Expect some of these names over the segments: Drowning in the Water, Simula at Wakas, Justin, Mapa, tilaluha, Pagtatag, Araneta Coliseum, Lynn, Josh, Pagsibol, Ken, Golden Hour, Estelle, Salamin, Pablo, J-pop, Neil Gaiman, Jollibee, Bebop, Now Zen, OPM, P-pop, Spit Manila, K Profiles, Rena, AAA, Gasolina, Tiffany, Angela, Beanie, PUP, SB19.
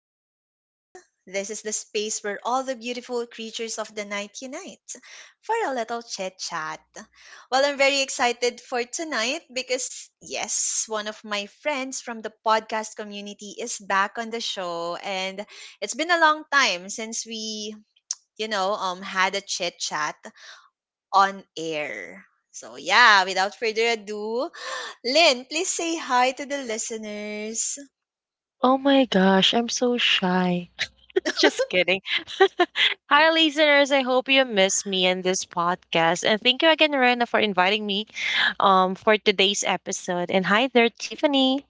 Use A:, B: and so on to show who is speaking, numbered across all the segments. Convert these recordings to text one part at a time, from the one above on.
A: with me, Rena. This is the space where all the beautiful creatures of the night unite for a little chit chat. Well, I'm very excited for tonight because, yes, one of my friends from the podcast community is back on the show, and it's been a long time since we had a chit chat on air. So, yeah, without further ado, Lynn, please say hi to the listeners.
B: Oh my gosh, I'm so shy. Just kidding. Hi, listeners. I hope you miss me in this podcast. And thank you again, Rena, for inviting me for today's episode. And hi there, Tiffany.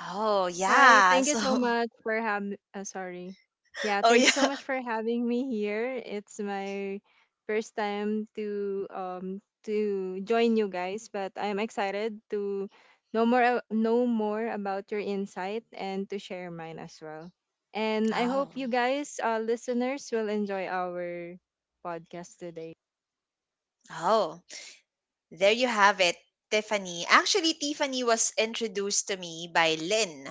A: Oh,
C: Hi,
A: yeah.
C: thank you
A: So,
C: so much for having sorry. Yeah,
A: oh,
C: thank you
A: yeah.
C: so much for having me here. It's my first time to join you guys, but I'm excited to know more about your insight and to share mine as well. And I
A: Oh,
C: hope you guys, listeners, will enjoy our podcast today.
A: oh, there you have it, Tiffany. Actually, Tiffany was introduced to me by Lynn.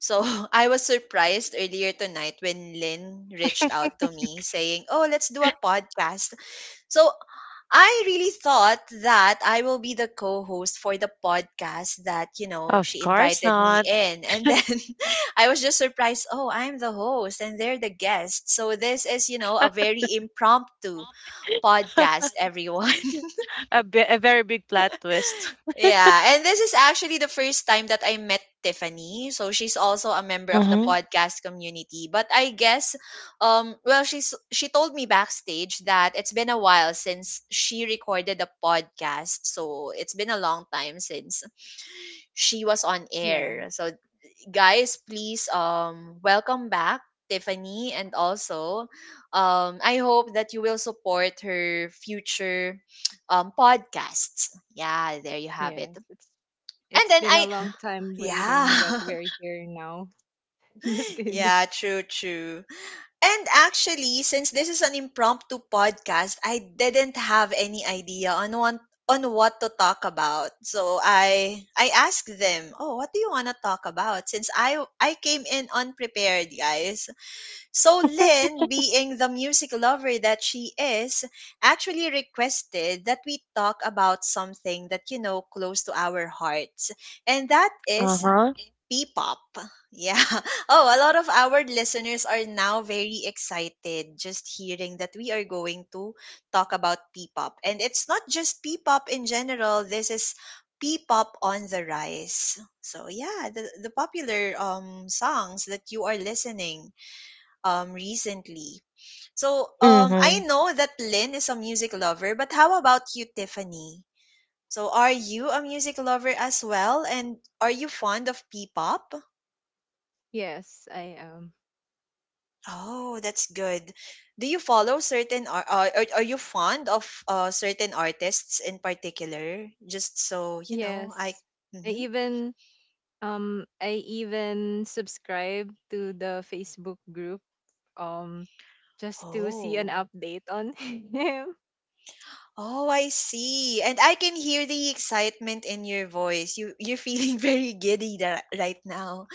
A: So, I was surprised earlier tonight when Lynn reached out to me saying, "Oh, let's do a podcast." So I really thought that I will be the co-host for the podcast that
B: Of
A: she
B: course
A: invited me
B: not.
A: in. And then I was just surprised. Oh, I'm the host and they're the guest. So this is a very impromptu podcast, everyone.
B: A very big plot twist.
A: Yeah, and this is actually the first time that I met Tiffany. So she's also a member of the
B: Mm-hmm.
A: podcast community. But I guess well, she told me backstage that it's been a while since she recorded a podcast. So it's been a long time since she was on
C: Yeah,
A: air. So guys, please welcome back Tiffany, and also I hope that you will support her future podcasts. Yeah, there you have it.
C: yes, it's
A: And
C: it's
A: then
C: been a long time waiting, but
A: yeah,
C: we're here now. Just kidding.
A: yeah, true, true. And actually, since this is an impromptu podcast, I didn't have any idea on one on what to talk about. So I asked them, "Oh, what do you want to talk about?" Since I came in unprepared, guys. So Lynn, being the music lover that she is, actually requested that we talk about something that close to our hearts. And that is
B: Uh-huh.
A: P-pop. Yeah. Oh, a lot of our listeners are now very excited just hearing that we are going to talk about P-pop. And it's not just P-pop in general. This is P-pop on the rise. So, yeah, the popular songs that you are listening recently. So, I
B: Mm-hmm.
A: know that Lynn is a music lover, but how about you, Tiffany? So, are you a music lover as well? And are you fond of P-pop?
C: Yes, I am.
A: Oh, that's good. Do you follow are you fond of certain artists in particular? Just so, you know, I
C: Yes. I
A: Mhm.
C: even I even subscribe to the Facebook group um just to see an
A: Oh.
C: update on him.
A: Oh, I see. And I can hear the excitement in your voice. You're feeling very giddy right now.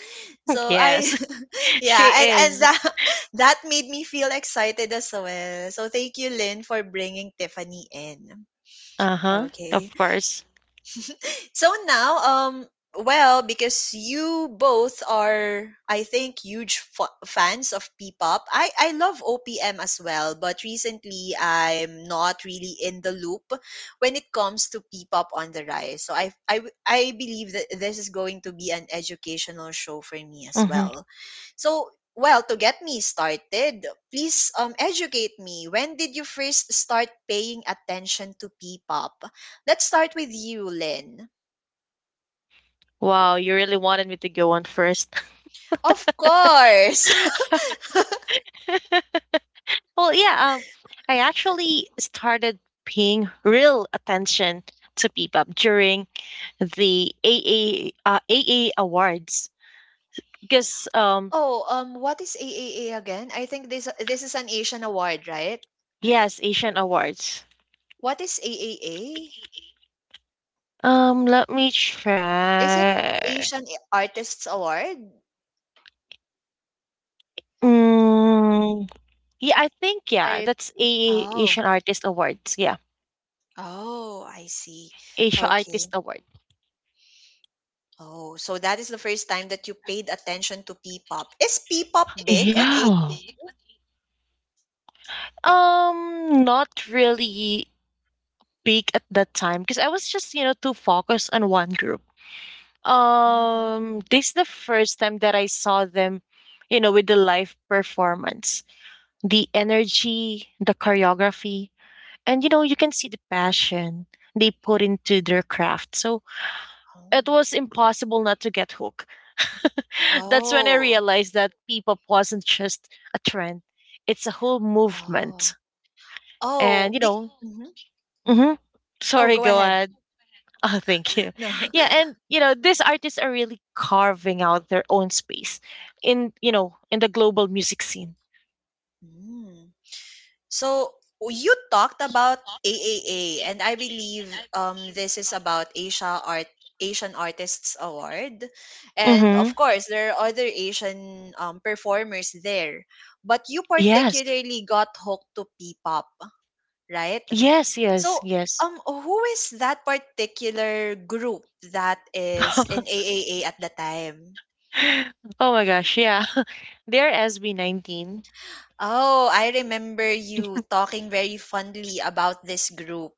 A: So I
B: Yes,
A: yeah,
B: she
A: and
B: is.
A: that, that made me feel excited as well. So thank you, Lynn, for bringing Tiffany in.
B: Uh-huh.
A: Okay.
B: Of course.
A: So now, um, well, because you both are, I think, huge fans of P-pop. I love OPM as well, but recently I'm not really in the loop when it comes to P-pop on the rise. So I believe that this is going to be an educational show for me as
B: Mm-hmm.
A: well. So, well, to get me started, please educate me. When did you first start paying attention to P-pop? Let's start with you, Lynn.
B: Wow, you really wanted me to go on first.
A: Of course.
B: Well, yeah, I actually started paying real attention to Bebop during the AA AA awards because
A: Oh, what is AAA again? I think this is an Asian award, right?
B: yes, Asian awards.
A: What is AAA?
B: Let me
A: Is it
B: try.
A: Asian Artists Award?
B: Mm, yeah, I think yeah,
C: Right.
B: that's AA Asian
A: Oh,
B: Artist Awards. Yeah,
A: oh, I see.
B: Asia
A: Okay.
B: Artist Award.
A: Oh, so that is the first time that you paid attention to P-pop. Is P-pop big on A?
B: Yeah. Not really big at that time, because I was just, you know, too focused on one group.
A: Mhm.
B: This is the first time that I saw them, you know, with the live performance. The energy, the choreography, and you know, you can see the passion they put into their craft. So
A: Oh,
B: it was impossible not to get hooked. That's when I realized that P-pop wasn't just a trend; it's a whole
A: oh, oh,
B: movement. And
A: oh,
B: you
A: big.
B: know,
A: Mhm.
B: hmm
A: Oh,
B: sorry,
A: go
B: go
A: ahead.
B: ahead. Oh, thank you. Yeah, and you know, these artists are really carving out their own space in the global music scene.
A: No. So you talked about AAA, and I believe this is about Asian Artists Award, and of
B: Mm-hmm.
A: course there are other Asian performers there, but you
B: Yes.
A: particularly got hooked to P-pop, right?
B: Yes,
A: So
B: yes, yes.
A: who is that particular group that is in AAA at the time?
B: Oh my gosh, yeah. They're SB19.
A: Oh, I remember you talking very fondly about this group.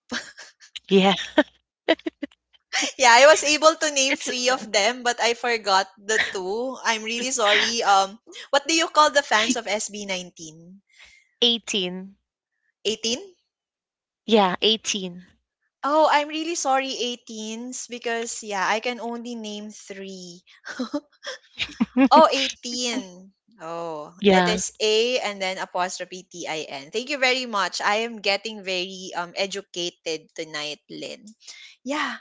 B: Yeah.
A: Yeah, I was able to name
B: It's
A: three of them, but I forgot the two. I'm really sorry. What do you call the fans of SB19?
B: 18.
A: 18?
B: Yeah, 18.
A: Oh, I'm really sorry, 18s, because yeah, I can only name three. Oh, 018. Oh, it
B: Yeah.
A: is A and then apostrophe TIN. Thank you very much. I am getting very educated tonight, Lynn. Yeah,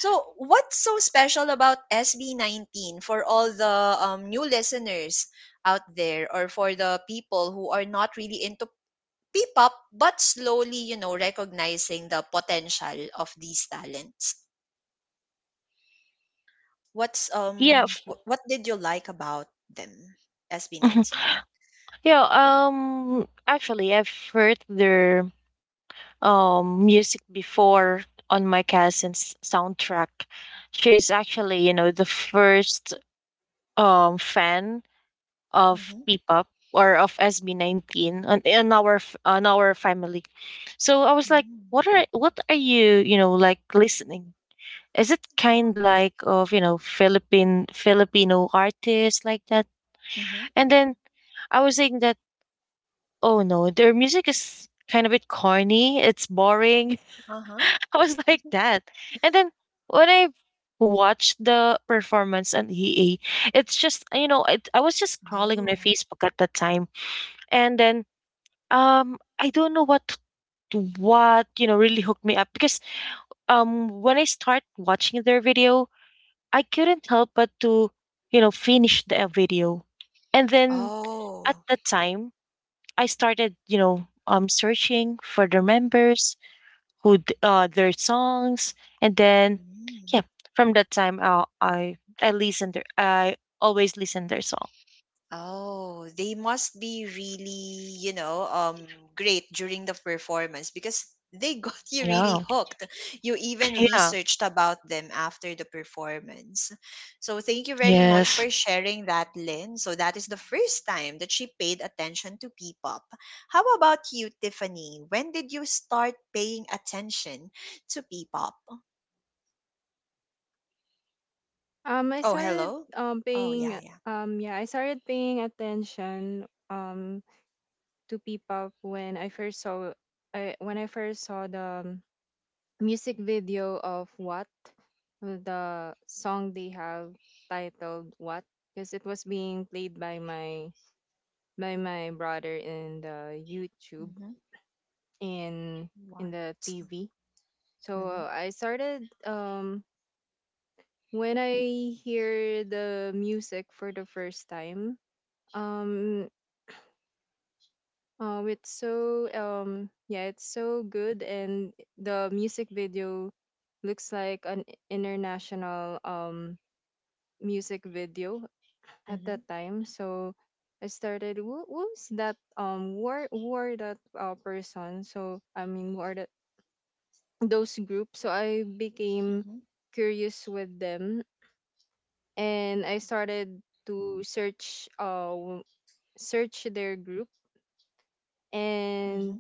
A: so, what's so special about SB19 for all the new listeners out there, or for the people who are not really into P-pop but slowly, recognizing the potential of these talents? What's
B: Yeah.
A: what did you like about them?
B: Mhm.
A: SB19.
B: Yeah, actually I've heard their music before on my cousin's soundtrack. She's actually, you know, the first fan of
A: Mhm.
B: P-pop or of SB19 on our family. So I was like,
A: Mm.
B: what are you, you know, like listening? Is it kind
A: Wow.
B: like of, you know, Philippine Filipino artists like that?
A: Mhm.
B: And then I was saying that, oh no, their music is kind of a bit corny. It's boring.
A: Uh-huh.
B: I was like that. And then when I watched the performance on EA, it's just, you know, I was just scrolling on my
A: Oh.
B: Facebook at that time, and then I don't know what you know really hooked me up, because when I start watching their video, I couldn't help but to, you know, finish the video, and then at
A: Oh.
B: that time I started, you know, searching for their members, their songs, and then yeah,
A: Mm.
B: from that time I always listen their song.
A: Oh, they must be really, great during the performance because they got you really
B: Yeah.
A: hooked. You even
B: Yeah.
A: researched about them after the performance. So thank you very much
B: Yes.
A: for sharing that, Lynn. So that is the first time that she paid attention to P-pop. How about you, Tiffany? When did you start paying attention to P-pop?
C: Um I
A: Oh,
C: started
A: hello.
C: um
A: Oh,
C: paying
A: yeah, yeah.
C: yeah, I started paying attention to P-pop when I first saw the music video of What, the song they have titled What, because it was being played by my brother in the YouTube
A: Mm-hmm.
C: in in
A: What?
C: the TV. So,
A: Mm-hmm.
C: I started when I hear the music for the first time. Um, it's so good, and the music video looks like an international music video at
A: Mm-hmm.
C: that time. So I started who's that war that, person. So I mean who are that those groups. So I became
A: Mm-hmm.
C: curious with them, and I started to search search their group.
A: Mm-hmm.
C: And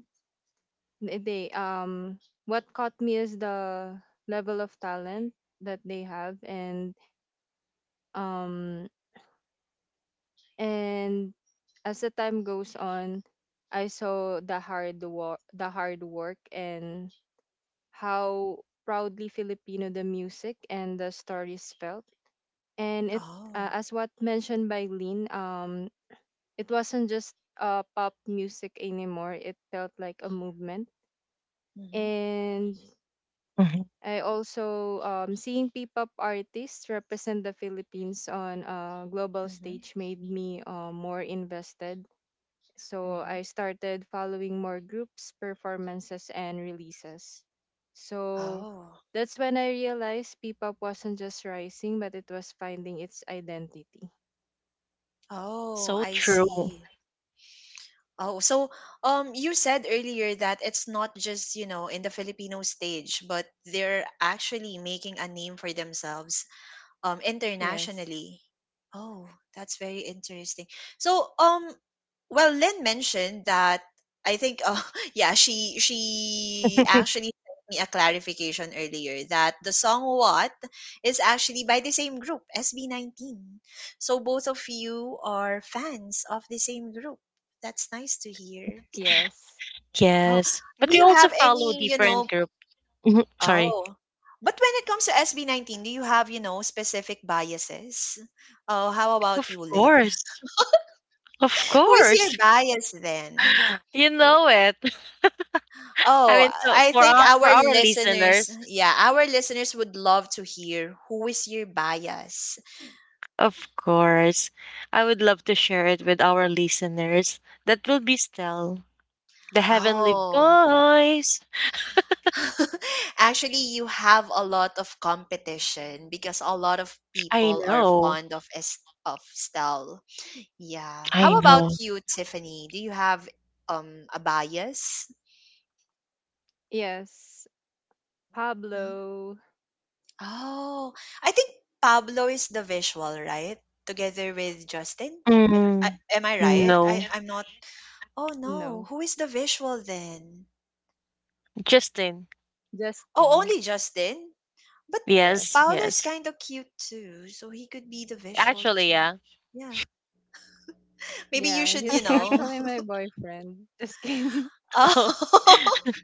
C: they, what caught me is the level of talent that they have. And um And as the time goes on, I saw the hard work, and how proudly Filipino the music and the stories felt. And it,
A: Oh.
C: uh, as what mentioned by Lynn, it wasn't just pop music anymore. It felt like a movement.
A: Mhm.
C: And
B: hmm
C: I also, seeing P-pop artists represent the Philippines on a global
A: Mhm.
C: stage made me more invested. So
A: Mhm.
C: I started following more groups, performances, and releases. So
A: Oh.
C: that's when I realized P pop wasn't just rising, but it was finding its identity.
A: Oh,
B: so
A: I
B: true.
A: see. Oh, so you said earlier that it's not just, in the Filipino stage, but they're actually making a name for themselves
C: Yes,
A: internationally. Oh, that's very interesting. So well, Lynn mentioned that I think yeah, she actually sent me a clarification earlier that the song What is actually by the same group SB19. So both of you are fans of the same group. That's nice to hear.
C: yes,
A: Oh,
B: Yes, but
A: do
B: we
A: you
B: also
A: have
B: follow
A: any, you
B: different
A: know,
B: group. Mhm. Sorry.
A: Oh, but when it comes to SB19, do you have specific biases? Oh, how about
B: Of
A: you, Lit?
B: course, of
A: Who is your
B: course.
A: bias then?
B: You know it. I
A: Oh,
B: mean, so
A: I
B: for
A: think
B: our for
A: our
B: our
A: listeners,
B: listeners,
A: yeah, our listeners would love to hear who is your bias.
B: of course, I would love to share it with our listeners. That will be still. The heavenly
A: Oh,
B: voice.
A: actually, you have a lot of competition because a lot of
B: I
A: people are
B: know.
A: fond of S of Stell. Yeah.
B: I
A: How about
B: know.
A: you, Tiffany? Do you have a bias?
C: yes.
A: Mm-hmm.
C: Pablo,
A: Oh, I think Pablo is the visual, right? Together with Justin. If I,
B: Mm,
A: am I right?
B: no.
A: I'm not. Oh no,
C: no,
A: who is the visual then?
B: Justin.
A: Oh,
C: Justin,
A: only Justin. But
B: Yes,
A: Paolo is
B: yes.
C: yes.
A: kind of cute too, so he could be the visual
B: Actually,
A: too.
B: yeah.
A: Yeah, maybe you
C: Yeah,
A: should, you
C: he's
A: know.
C: actually my boyfriend. Just kidding.
B: Oh.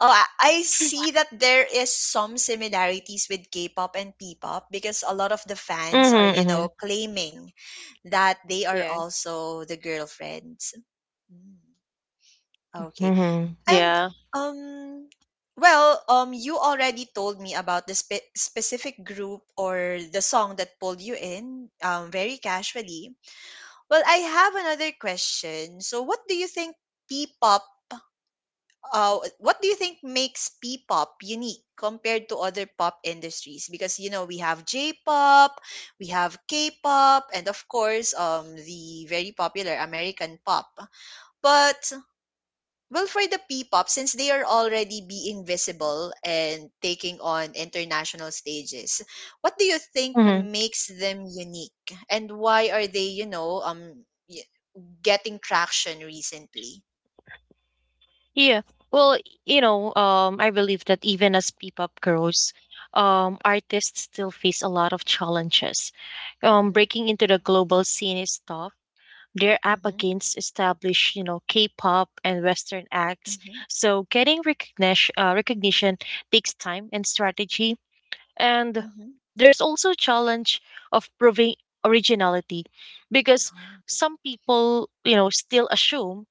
A: Oh, I see that there is some similarities with K-pop and P-pop because a lot of the fans are,
B: Mm-hmm. Hmm.
A: claiming that they are
C: Yes.
A: also the girlfriends. Mm, okay.
B: Hmm.
A: And
B: Yeah.
A: um well, you already told me about the specific group or the song that pulled you in very casually. Well, I have another question. So what do you think P-pop what do you think makes P-pop unique compared to other pop industries? Because we have J-pop, we have K-pop, and of course the very popular American pop. But well, for the P-pop, since they are already being visible and taking on international stages, what do you think
B: hmm
A: makes them unique, and why are they y- getting traction recently?
B: Yeah. Well, you know, I believe that even as P-pop grows, artists still face a lot of challenges.
A: Mm-hmm,
B: Breaking into the global scene is tough. They're up
A: mm-hmm,
B: against established, you know, K-pop and Western acts.
A: mm-hmm,
B: So getting recognition takes time and strategy. And
A: mm-hmm.
B: there's also challenge of proving originality, because some people, you know, still assume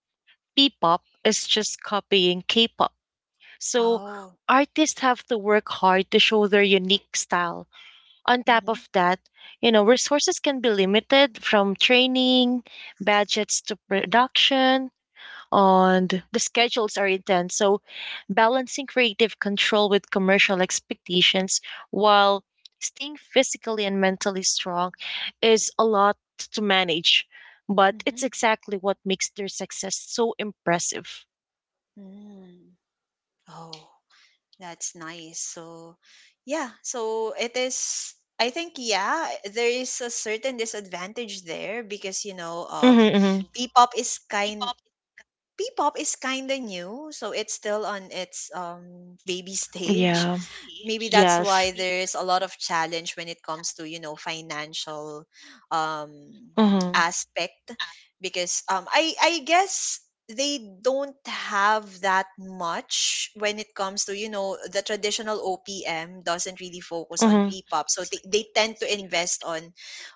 B: P-pop is just copying K-pop. So
A: Oh.
B: artists have to work hard to show their unique style. On top
A: Mhm.
B: of that, you know, resources can be limited, from training, budgets to
A: Mhm.
B: production, and the schedules are intense. So, balancing creative control with commercial expectations while staying physically and mentally strong is a lot to manage, but
A: Mhm.
B: it's exactly what makes their success so impressive.
A: Mm. Oh, that's nice. So, yeah. So it is. I think, yeah, there is a certain disadvantage there because,
B: Mm-hmm.
A: P-pop is kind. P-pop is kind. Of new, so it's still on its baby stage.
B: Yeah.
A: Maybe that's
B: Yes.
A: why there's a lot of challenge when it comes to, financial um
B: Mm-hmm,
A: aspect, because I guess they don't have that much when it comes to, the traditional OPM doesn't really focus on
B: mm-hmm.
A: P-pop, so they tend to invest on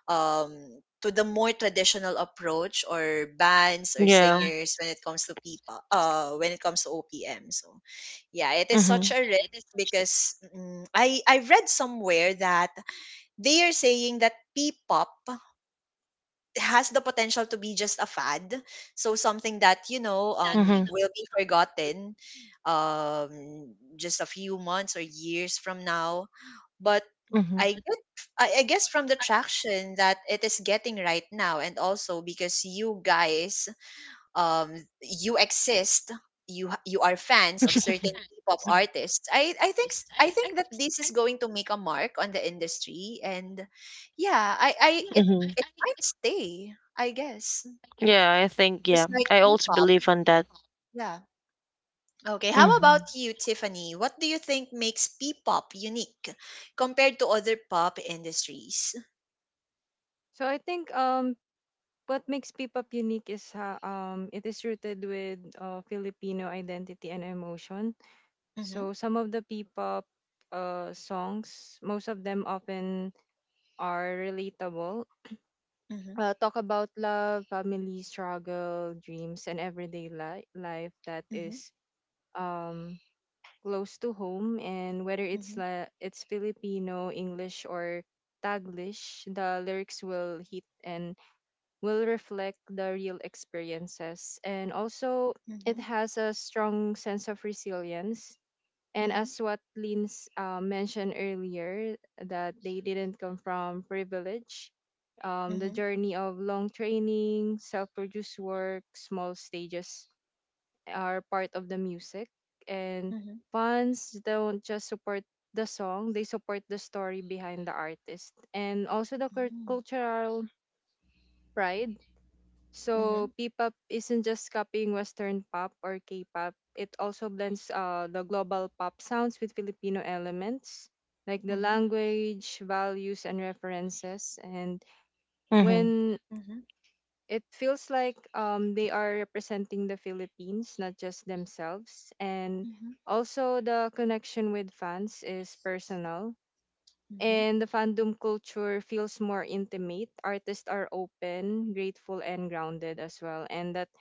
A: to the more traditional approach or bands or
B: Yeah.
A: singers when it comes to P-pop when it comes to OPM. So yeah, it is
B: Mm-hmm.
A: such a. Because, mm, I read somewhere that they are saying that P-pop has the potential to be just a fad, so something that
B: Mm-hmm.
A: will be forgotten, um just a few months or years from now. But
B: Mm-hmm.
A: I get I guess from the traction that it is getting right now, and also because you guys, um, you exist, you are fans
B: know
A: of
B: yeah.
A: certain K-pop artists. I think that this is going to make a mark on the industry, and yeah, I it
B: Mm-hmm.
A: it might stay, I guess,
B: Yeah, I think
A: just
B: yeah.
A: like
B: I also
A: K-pop.
B: believe on that.
A: Yeah. Okay. How
B: Mm-hmm.
A: about you, Tiffany? What do you think makes P-pop unique compared to other pop industries?
C: So I think what makes P-pop unique is it is rooted with Filipino identity and emotion.
A: Mm-hmm,
C: So some of the P-pop, songs, most of them often are relatable.
A: mm-hmm,
C: Talk about love, family struggle, dreams, and everyday life that
A: mm-hmm,
C: is um close to home. And whether it's Filipino, English, or Taglish, the lyrics will hit and will reflect the real experiences. And also, it
A: mm-hmm,
C: has a strong sense of resilience. And
A: mm-hmm,
C: as what Lynn's mentioned earlier, that they didn't come from privilege. The
A: mm-hmm,
C: journey of long training, self produced work, small stages are part of the music. And
A: mm-hmm,
C: fans don't just support the song, they support the story behind the artist. And also the
A: mm-hmm,
C: cultural pride,
A: mm-hmm,
C: so P-pop isn't just copying Western pop or K-pop. It also blends the global pop sounds with Filipino elements, like the
A: mm-hmm, mm-hmm,
C: language, values, and references. And
B: Mm-hmm.
C: when
A: mm-hmm.
C: it feels like, they are representing the Philippines, not just themselves. And
A: Mm-hmm,
C: also the connection with fans is personal.
A: mm-hmm.
C: And the fandom culture feels more intimate. Artists are open, grateful, and grounded as well. And that,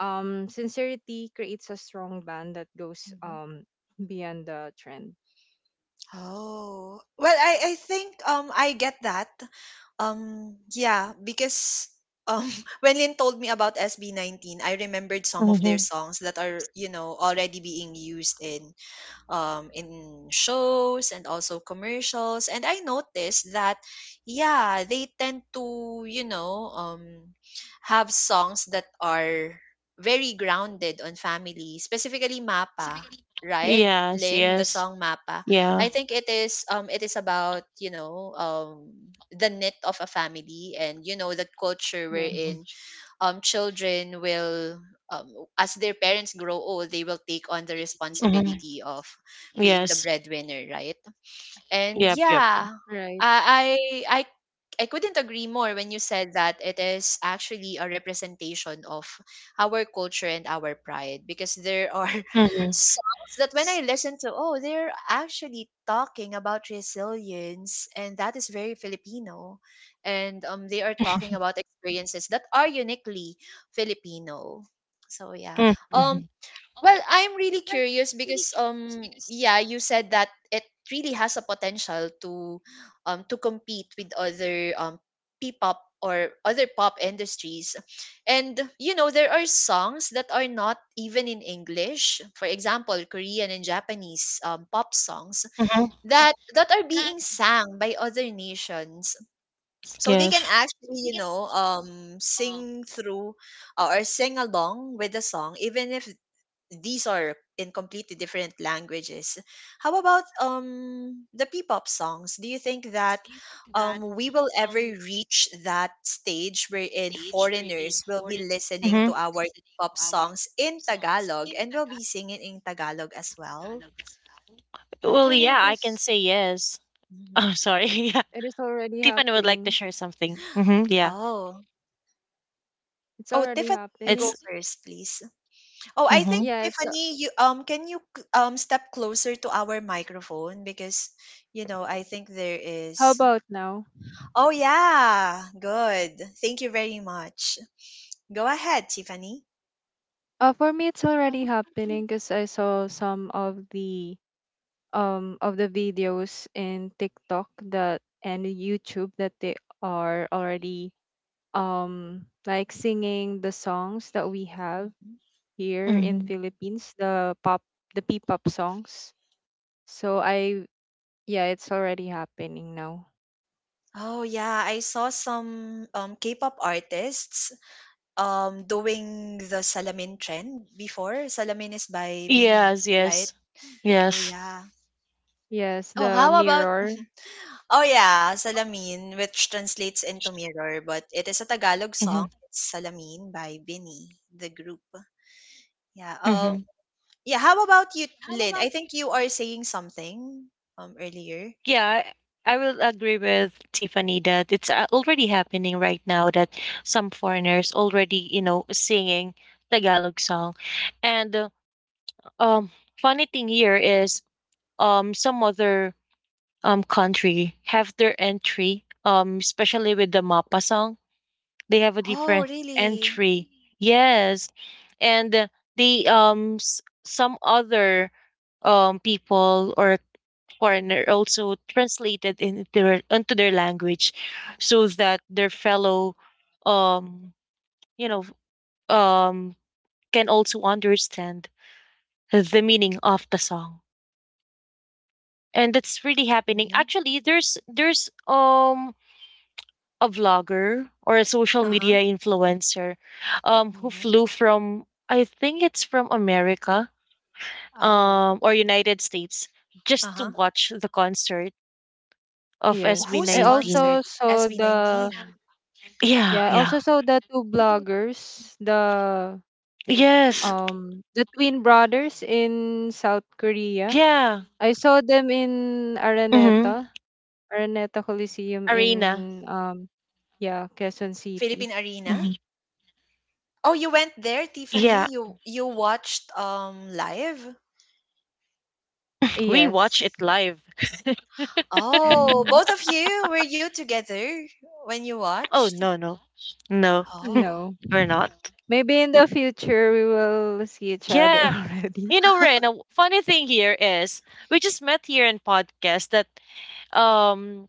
C: sincerity creates a strong bond that goes
A: Mhm.
C: beyond the trend.
A: Oh. Well, I get that. Yeah, because um when Lynn told me about SB19, I remembered some of their
B: Mm-hmm.
A: songs that are, already being used in shows and also commercials. And I noticed that, yeah, they tend to, have songs that are very grounded on family, specifically Mapa, right?
B: Yes,
A: Lynn, the
B: yes.
A: song Mapa.
B: Yeah.
A: I think it is about, you know, the knit of a family and you know the culture we're in
C: Yes,
A: um, Children will as their parents grow old they will take on the
B: Mm-hmm.
A: responsibility of being the
B: Yes.
A: breadwinner, right? And
B: Yep, yep.
A: yeah,
C: right.
A: I I I I couldn't agree more when you said that it is actually a representation of our culture and our pride, because there are
B: Mm-hmm.
A: songs that when I listen to, oh, they're actually talking about resilience, and that is very Filipino. And they are talking about experiences that are uniquely Filipino. So yeah. Um
B: Mm-hmm.
A: well, I'm really curious because yeah, you said that it really has a potential to compete with other P-pop or other pop industries. And you know, there are songs that are not even in English. For example, Korean and Japanese pop songs
B: Mm-hmm.
A: that are being sang by other nations. So they can
B: Yes.
A: actually, you know, sing through or sing along with the song even if these are in completely different languages. How about the P-pop songs? Do you think that we will ever reach that stage wherein foreigners will be listening
B: Mm-hmm.
A: to our P-pop songs in Tagalog and will be singing in Tagalog as well?
B: Well,
C: Actually,
B: yeah,
C: it
B: I can
C: is.
B: say yes.
A: Mhm.
B: Oh, sorry. Yeah.
C: It is already
B: Tiffany would like to
C: happening.
B: share something. Mm-hmm. Yeah.
A: Oh.
C: It's
A: Oh,
C: already
A: Tiffany, you go
C: happening.
B: It's.
A: first, please. Oh, I
B: Mm-hmm.
A: think
C: Yeah, it's.
A: Tiffany, you can you step closer to our microphone because you know, I think there
C: How
A: is
C: about now?
A: Oh, yeah. Good. Thank you very much. Go ahead, Tiffany.
C: For me, it's already happening because I saw some of the videos in TikTok that and YouTube that they are already, like, singing the songs that we have
A: Mhm.
C: here in
B: Mm-hmm.
C: Philippines, the P-pop songs. So I yeah, it's already happening now.
A: Oh yeah, I saw some K-pop artists doing the salamin trend before. Salamin is by Beanie,
B: Yes,
A: right?
B: yes.
A: Oh
B: Yes.
A: yeah.
C: Yes,
A: Oh,
C: the
A: how about
C: mirror.
A: oh yeah, Salamin, which translates into mirror, but it is a Tagalog
B: Mm-hmm.
A: song. It's Salamin by Beanie, the group. Yeah.
B: Mm-hmm.
A: Yeah, how about you, Lynn? I think you are saying something earlier.
B: Yeah, I will agree with Tiffany that it's already happening right now, that some foreigners already, you know, singing Tagalog song. And um funny thing here is some other country have their entry, especially with the Mappa song. They have a
A: Oh,
B: different
A: really?
B: entry. Yes. And the some other people or foreigner also translated into their language, so that their fellow, um you know, um can also understand the meaning of the song. And that's really happening.
A: Mm-hmm.
B: Actually, there's a vlogger or a social
A: Uh-huh.
B: media influencer, who
A: Mm-hmm.
B: flew from, I think it's from America,
A: Oh.
B: or United States, just to
A: Uh-huh.
B: watch the concert of
A: Oh,
C: Yes.
A: whose concert?
B: SB19.
A: SB19.
B: Yeah,
C: I
B: yeah.
C: also saw the two bloggers,
B: Yes.
C: the twin brothers in South Korea.
B: Yeah.
C: I saw them in
B: Mm-hmm.
C: Araneta Coliseum in,
B: Arena.
C: yeah, Quezon City.
A: Philippine Arena?
B: hmm
A: Oh, you went there,
B: Yeah.
A: Tiffany? You watched live?
B: We watch it
C: Yes.
B: live.
A: Oh, both of you? Were you together when you
B: Oh,
A: watched?
B: no, no. No,
A: Oh.
C: No.
B: we're not.
C: Maybe in the future we will see each other
B: Yeah.
C: already.
B: You know, Ren, a funny thing here is we just met here in podcast, that um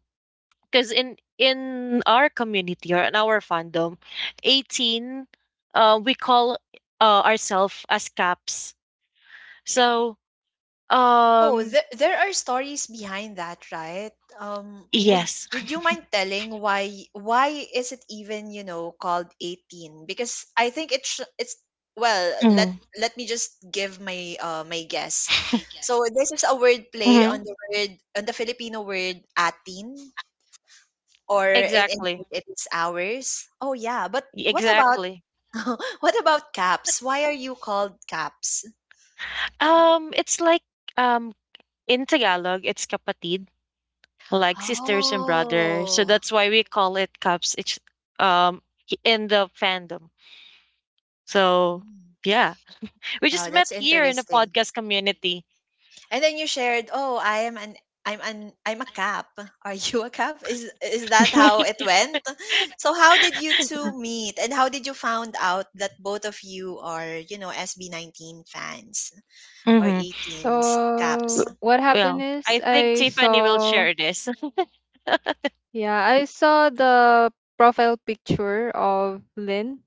B: because in our community, or in our fandom, 18, we call, ourselves as caps. So
A: Oh,
B: um
A: there are stories behind that, right?
B: yes.
A: Would you mind telling why is it even, you know, called 18? Because I think it sh it's well,
B: hmm
A: let me just give my my guess. So this is a word play on
B: hmm
A: the word on the Filipino word atin, or in
B: Exactly.
A: English it is hours. Oh yeah, but what about
B: Exactly.
A: what about caps? Why are you called caps?
B: It's like, um in Tagalog, it's kapatid, like sisters and brother. So
A: Oh.
B: that's why we call it cups. It's, um in the fandom. So
A: Hmm.
B: yeah, we just
A: Wow, that's
B: met here in the
A: interesting.
B: podcast community.
A: And then you shared, "Oh, I'm an I'm a cap. Are you a cap?" Is that how it went? So how did you two meet and how did you found out that both of you are, you know, SB19 fans or
B: hmm
A: 18s
C: So
A: caps?
C: what happened
B: Well,
C: is,
B: I think Tiffany will share this.
C: I saw the profile picture of Lynn,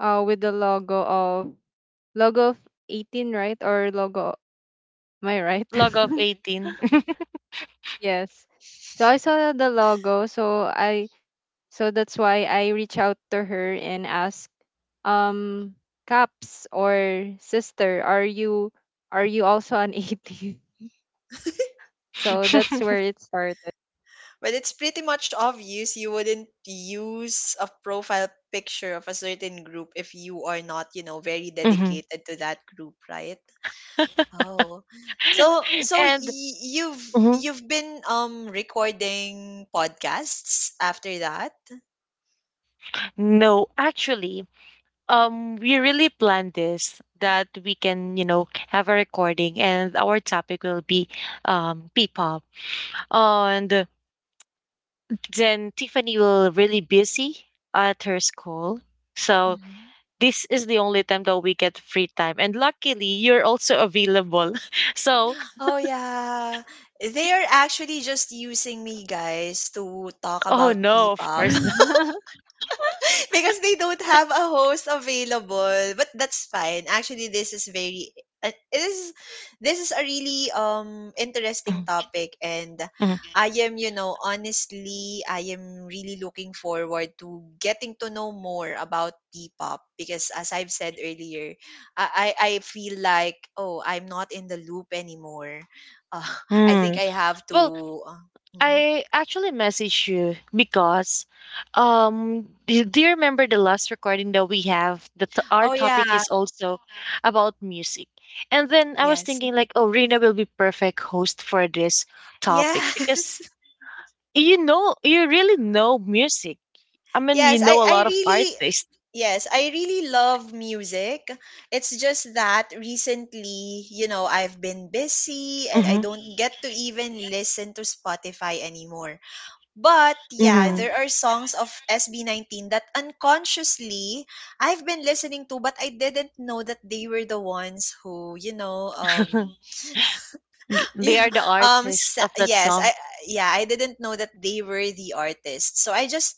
C: with the logo of 18, right? Or logo, am I right?
B: Log of 18.
C: Yes. So I saw the logo, so I so that's why I reach out to her and ask, um Caps or sister, are you, also an 18? So that's where it started.
A: But it's pretty much obvious you wouldn't use a profile picture of a certain group if you are not, you know, very
B: Mhm.
A: dedicated to that group, right? Oh. So so
B: And Mhm.
A: you've been recording podcasts after that?
B: No, actually, we really planned this, that we can, you know, have a recording, and our topic will be P-pop. And then Tiffany will really busy at her school. So
A: Mhm.
B: this is the only time that we get free time. And luckily, you're also available. So,
A: Oh yeah. They are actually just using me guys to talk
B: oh
A: about
B: no, of
A: P-pop
B: course.
A: because they don't have a host available, but that's fine. Actually, this is very it is this is a really interesting
B: Mhm,
A: topic, and
B: mhm,
A: I am, you know, honestly I am really looking forward to getting to know more about P-pop, because as I've said earlier, I feel like oh I'm not in the loop anymore. uh, I think
B: mm.
A: I have to
B: Well,
A: uh, mhm.
B: I actually messaged you because, do you remember the last recording that we have? That our
A: Oh yeah.
B: topic is also about music, and then I was
A: Yes
B: thinking like, oh, Rina will be perfect host for this topic, because
A: yes.
B: you know, you really know music. I mean, you
A: Yes,
B: know a
A: I
B: lot of
A: really
B: artists.
A: yes, I really love music. It's just that recently, you know, I've been busy and I
B: Mm-hmm.
A: don't get to even listen to Spotify anymore. But yeah,
B: Mm-hmm.
A: there are songs of SB19 that unconsciously I've been listening to, but I didn't know that they were the ones who, you know, you
B: They
A: know,
B: are the artist of that
A: yes,
B: song.
A: I yeah, I didn't know that they were the artists. So I just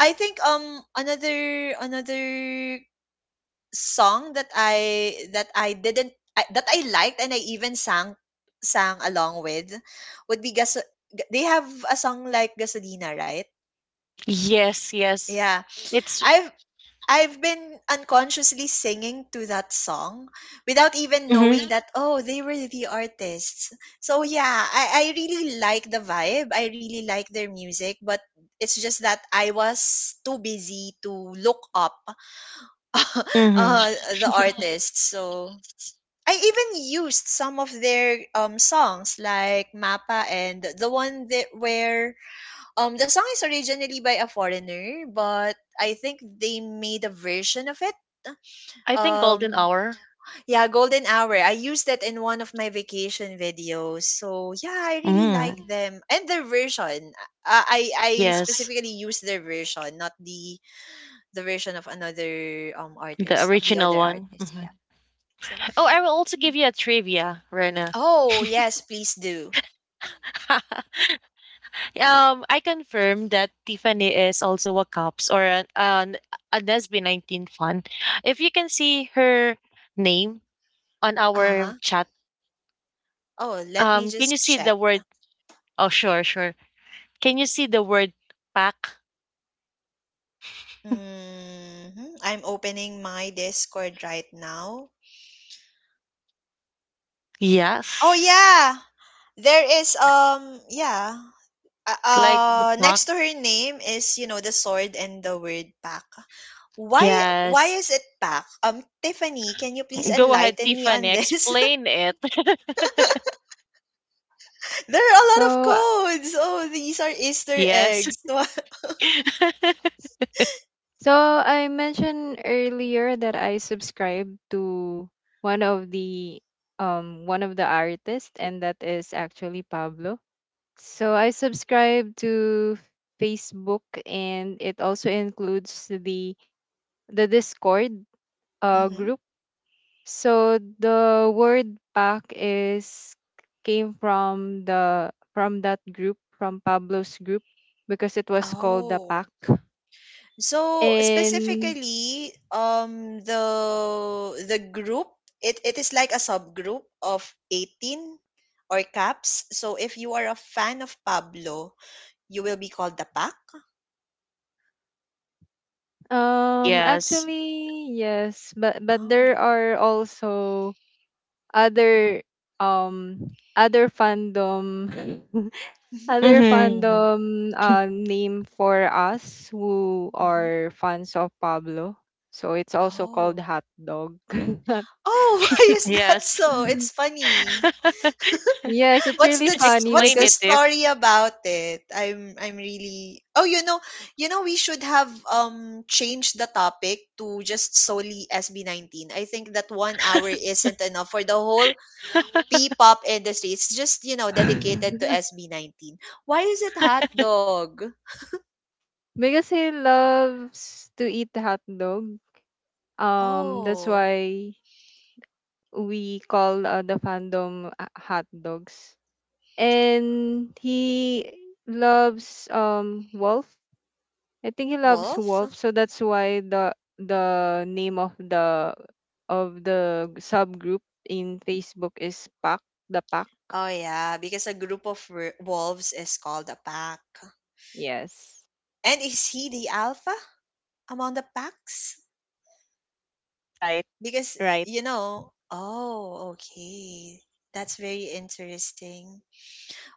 A: I think another another song that I didn't I, that I liked, and I even sang along with would be Gas they have a song like Gasolina, right?
B: Yes, yes.
A: Yeah.
B: It's.
A: I've I've been unconsciously singing to that song without even
B: Mm-hmm,
A: knowing that oh they were the artists. So yeah, I really like the vibe. I really like their music, but it's just that I was too busy to look up
B: mm-hmm.
A: uh, the artists. So I even used some of their songs like Mappa and the one that where the song is originally by a foreigner, but I think they made a version of it.
B: I think Golden
A: Um
B: Hour.
A: yeah, Golden Hour. I used that in one of my vacation videos. So yeah, I really like
B: Mm.
A: them and their version. I
B: Yes,
A: specifically used their version, not the version of another
B: the
A: artist of the
B: original
A: other
B: one.
A: artist.
B: Mhm.
A: Yeah. So
B: Oh, I will also give
A: Mm.
B: you a trivia, Rena.
A: Oh, yes, please do.
B: I confirm that Tiffany is also a cops, or an a Nesby 19 fan. If you can see her name on our
A: Uh-huh.
B: chat,
A: Oh, let me
B: can you
A: just
B: see
A: check.
B: the word? Oh, sure, sure. Can you see the word pack?
A: Hmm, I'm opening my Discord right now. Oh
B: Yes.
A: yeah, there is yeah. Uh,
B: Like the
A: uh
B: park.
A: next to her name is, you know, the sword and the word pack. Why why
B: Yes.
A: is it pack? Tiffany, can you please
B: Go ahead,
A: enlighten me
B: Tiffany.
A: on this?
B: Explain it.
A: there are a lot of
C: so uh,
A: codes. Oh, these are Easter
B: Yes.
A: eggs.
C: so I mentioned earlier that I subscribe to one of the one of the artists, and that is actually Pablo. So I subscribe to Facebook, and it also includes the Discord,
A: Mhm.
C: group. So the word pack is came from the from that group, from Pablo's group, because it was called the
A: Oh.
C: pack.
A: So
C: And
A: specifically, the group it is like a subgroup of 18 or caps. So if you are a fan of Pablo, you will be called the pack.
B: Yes.
C: Actually, yes, but there
A: Oh.
C: are also other, um other fandom,
A: Mhm.
C: other
B: Mm-hmm.
C: fandom name for us who
A: Mhm.
C: are fans of Pablo. So it's also called
A: Oh.
C: hot dog.
A: Oh, why is that
B: Yes.
A: so? It's funny.
C: Yes, it's
A: What's
C: really
A: the
C: funny
A: what's
B: Explain
A: the
B: it,
C: because
B: Tiff.
A: story about it? I'm really Oh, you know we should have changed the topic to just solely SB19. I think that 1 hour isn't enough for the whole P-pop industry. It's just, you know, dedicated to SB19. Why is it hot dog?
C: because he loves to eat hot dog. That's
A: Oh,
C: why we call, the fandom, hot dogs. And he loves wolf. I think he loves
A: wolf?
C: wolf, so that's why the name of the subgroup in Facebook is Pack the Pack.
A: Oh yeah, because a group of wolves is called a pack.
C: Yes,
A: And is he the alpha among the packs?
C: right,
A: Because,
C: right.
A: you know oh, okay. That's very interesting.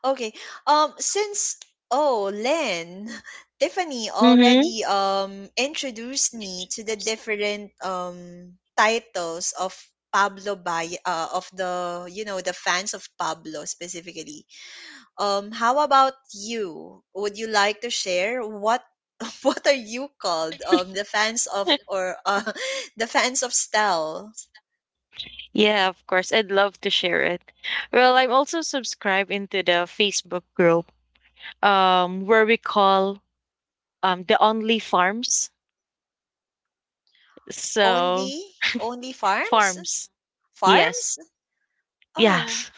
A: Okay. Since oh, Len, Tiffany already
B: Mm-hmm.
A: introduced me to the different titles of Pablo Bay, of the you know the fans of Pablo specifically. How about you? Would you like to share what what are you called? The fans of or the fans of Stel.
B: Yeah, of course. I'd love to share it. Well, I'm also subscribed into the Facebook group, where we call the only farms. So
A: Only only farms?
B: farms. Yes.
A: Farms? Oh.
B: Yes.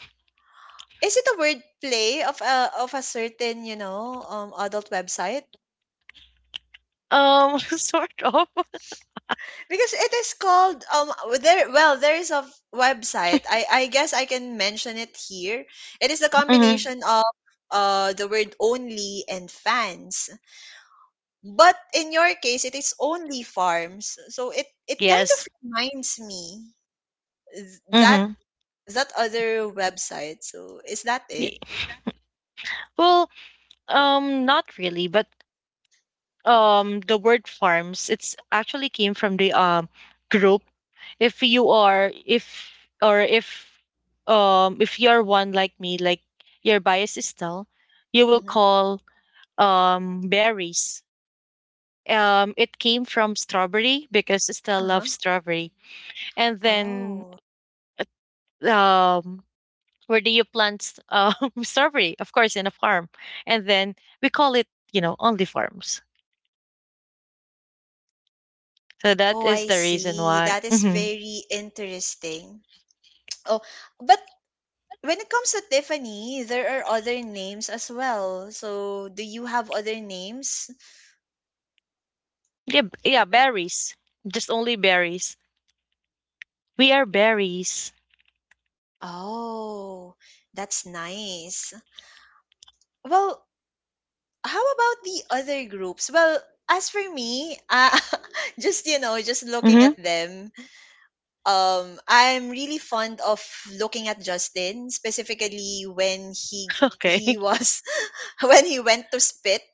A: Is it a word play of a certain, you know, adult website?
B: Sort of.
A: Because it is called there well, there is a website. I guess I can mention it here. It is a
B: hmm
A: combination of the word only and fans. But in your case it is only farms. So it kind of
B: Yes.
A: reminds me that
B: hmm
A: that other website. So is that
B: Ye-
A: it?
B: Well, not really, but the word farms, it's actually came from the group. If you are, if or if If you're one like me, like your bias is tell, you will
A: Mm-hmm.
B: call berries. It came from strawberry, because Estelle
A: Uh-huh.
B: loves strawberry. And then,
A: Oh.
B: um, where do you plant strawberry? Of course, in a farm, and then we call it, you know, only farms. So that
A: Oh,
B: is
A: I
B: the reason
A: see.
B: why.
A: That is
B: Hmm.
A: very interesting. Oh, but when it comes to Tiffany, there are other names as well. So, do you have other names?
B: Yeah, yeah, berries. Just only berries. We are berries.
A: Oh, that's nice. Well, how about the other groups? Well, as for me, just you know, just looking
B: hmm
A: at them, I'm really fond of looking at Justin specifically when
B: Okay.
A: he was when he went to spit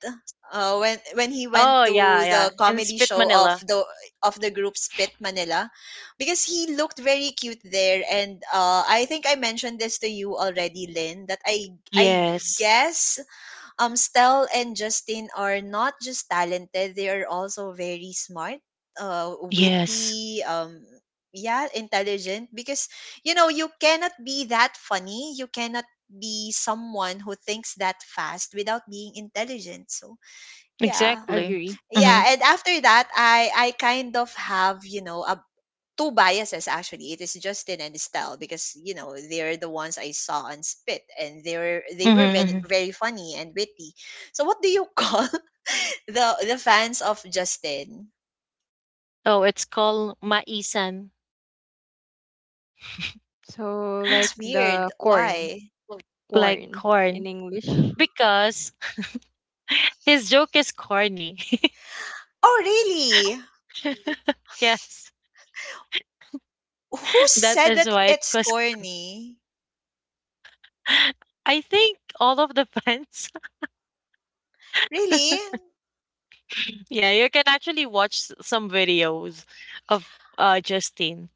A: when he went
B: Oh yeah,
A: to
B: yeah.
A: the
B: In
A: comedy
B: Spit
A: show
B: Manila.
A: of the group Spit Manila, because he looked very cute there, and I think I mentioned this to you already, Lynn, that I
B: Yes.
A: guess Stell and Justin are not just talented, they are also very smart,
B: Yes.
A: witty, yeah, intelligent, because you know, you cannot be that funny, you cannot be someone who thinks that fast without being intelligent. So, yeah.
B: Exactly.
C: Agree.
B: Hmm.
A: Yeah, and after that, I kind of have, you know, a two biases actually it is Justin and Estelle, because you know they're the ones I saw on Spit and they
B: Hmm.
A: were very,
B: Hmm.
A: very funny and witty. So what do you call the fans of Justin?
B: Oh, it's called maisan,
C: So like
A: That's weird,
C: the corn,
A: why
B: like
C: corn in
B: corn,
C: English.
B: because his joke is corny.
A: oh really
B: Yes,
A: who
B: that
A: said
B: is
A: that
B: why.
A: it's
B: Because
A: corny
B: I think all of the fans.
A: really
B: Yeah, you can actually watch some videos of Justin.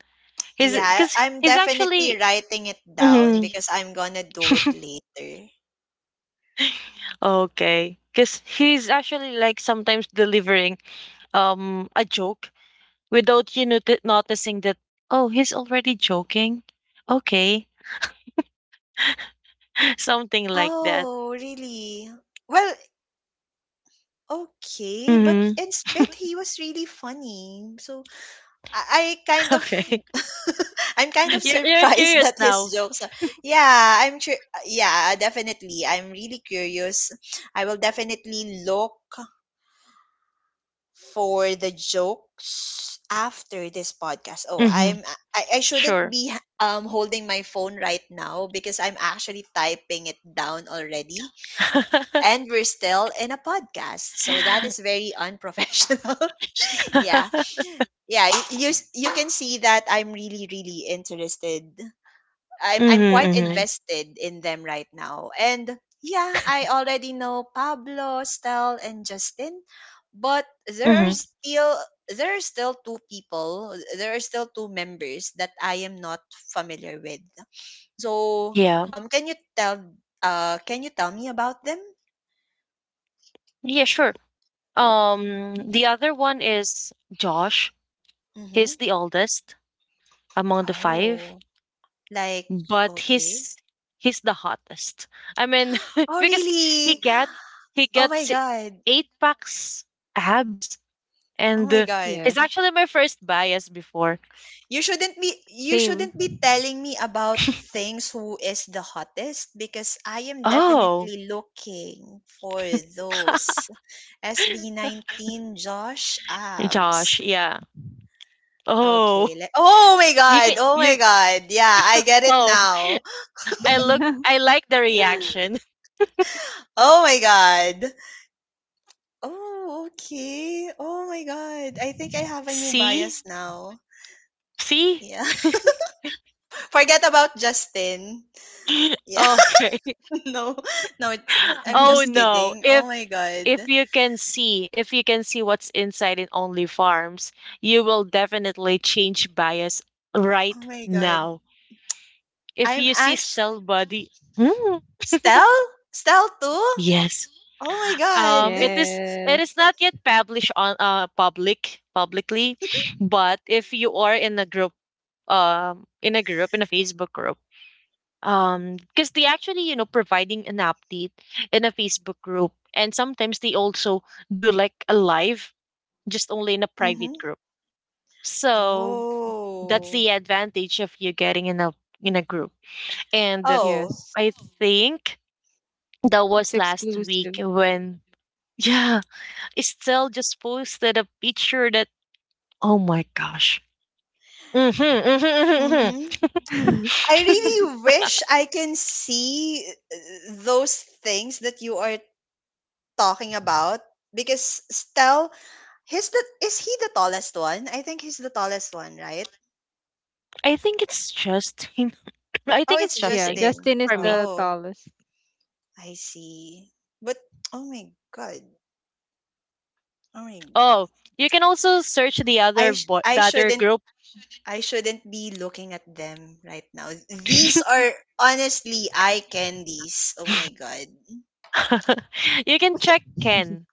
B: He's
A: yeah
B: Because
A: I'm
B: he's
A: definitely
B: actually.
A: writing it down
B: Mhm.
A: because I'm gonna do it later
B: Okay. Because he's actually like sometimes delivering a joke without you noticing that oh, he's already joking. Okay, something like that.
A: oh really well Okay, but
B: hmm
A: in Spit he was really funny. So I kind of
B: Okay,
A: I'm kind of
B: you're
A: surprised
B: curious
A: that his
B: now.
A: jokes are, yeah, I'm sure yeah, definitely. I'm really curious. I will definitely look for the jokes after this podcast. Oh,
B: hmm
A: I'm I shouldn't
B: Sure.
A: be holding my phone right now because I'm actually typing it down already
B: hmm
A: and we're still in a podcast. So that is very unprofessional. yeah. You can see that I'm really interested. I'm quite
B: hmm
A: invested in them right now, and yeah, I already know Pablo, Stel, and Justin, but there are
B: hmm
A: still there are still two people, there are still two members that I am not familiar with. So
B: Yeah.
A: um can you tell can you tell me about them?
B: Yeah, sure.
A: Mm-hmm.
B: The other one is Josh. He's
A: hmm
B: the oldest among the five,
A: oh, like,
B: but
A: okay,
B: he's the hottest. I mean,
A: oh
B: because he
A: really,
B: get he
A: oh my
B: gets
A: god.
B: eight packs abs,
A: Oh
B: and
A: my god.
B: he's
C: Yes,
B: actually my first bias before.
A: You
C: same.
A: shouldn't be telling me about things who is the hottest, because I am
B: Oh,
A: definitely looking for those SB19 Josh
B: Josh,
A: abs.
B: yeah. Oh,
A: Okay, let— Oh my
B: you
A: god.
B: can
A: Oh my
B: you.
A: god. Yeah, I get it
B: Oh,
A: now.
B: I look. I like the reaction.
A: Oh my god. Oh, okay. Oh my god. I think I have a new
B: See,
A: bias now.
B: see.
A: Yeah. Forget about Justin. Yeah.
B: Okay.
A: No, no, it- I'm
B: Oh
A: just
B: no.
A: kidding. Oh
B: If
A: my
B: if
A: god.
B: you can see, if you can see what's inside in Only Farms, you will definitely change bias
A: Oh
B: right
A: my god.
B: now. If
A: I'm
B: you see
A: actually—
B: still body, hmm,
A: Stell? Stell too?
B: yes.
A: Oh my
B: Um,
A: god.
B: it is it is
C: Yes,
B: not yet published on public publicly, but if you are in a group, in a group, in a Facebook group, because they actually, providing an update in a Facebook group, and sometimes they also do like a live just only in a private
A: Mm-hmm.
B: group. So that's
A: Oh.
B: the advantage of you getting in a, in a group. And
A: Oh.
C: yes.
B: I think that was
C: It's
B: last week
C: exclusive.
B: when yeah, Estelle just posted a picture that, oh my gosh. hmm hmm
A: Mm-hmm. I
B: hmm
A: really wish I can see those things that you are talking about, because Stell, his the is he the tallest one? I think he's the tallest one, right?
B: I think it's Justin. I
A: Oh,
B: think it's
A: it's
C: Yeah,
B: Justin,
A: Justin.
C: Justin is
B: for me.
C: the
A: Oh,
C: tallest.
A: I see. But oh my god. I mean,
B: Oh, you can also search the
A: I sh- I
B: the other
A: shouldn't
B: group.
A: I shouldn't be looking at them right now. These are honestly eye candies. Oh my god.
B: You can check Ken.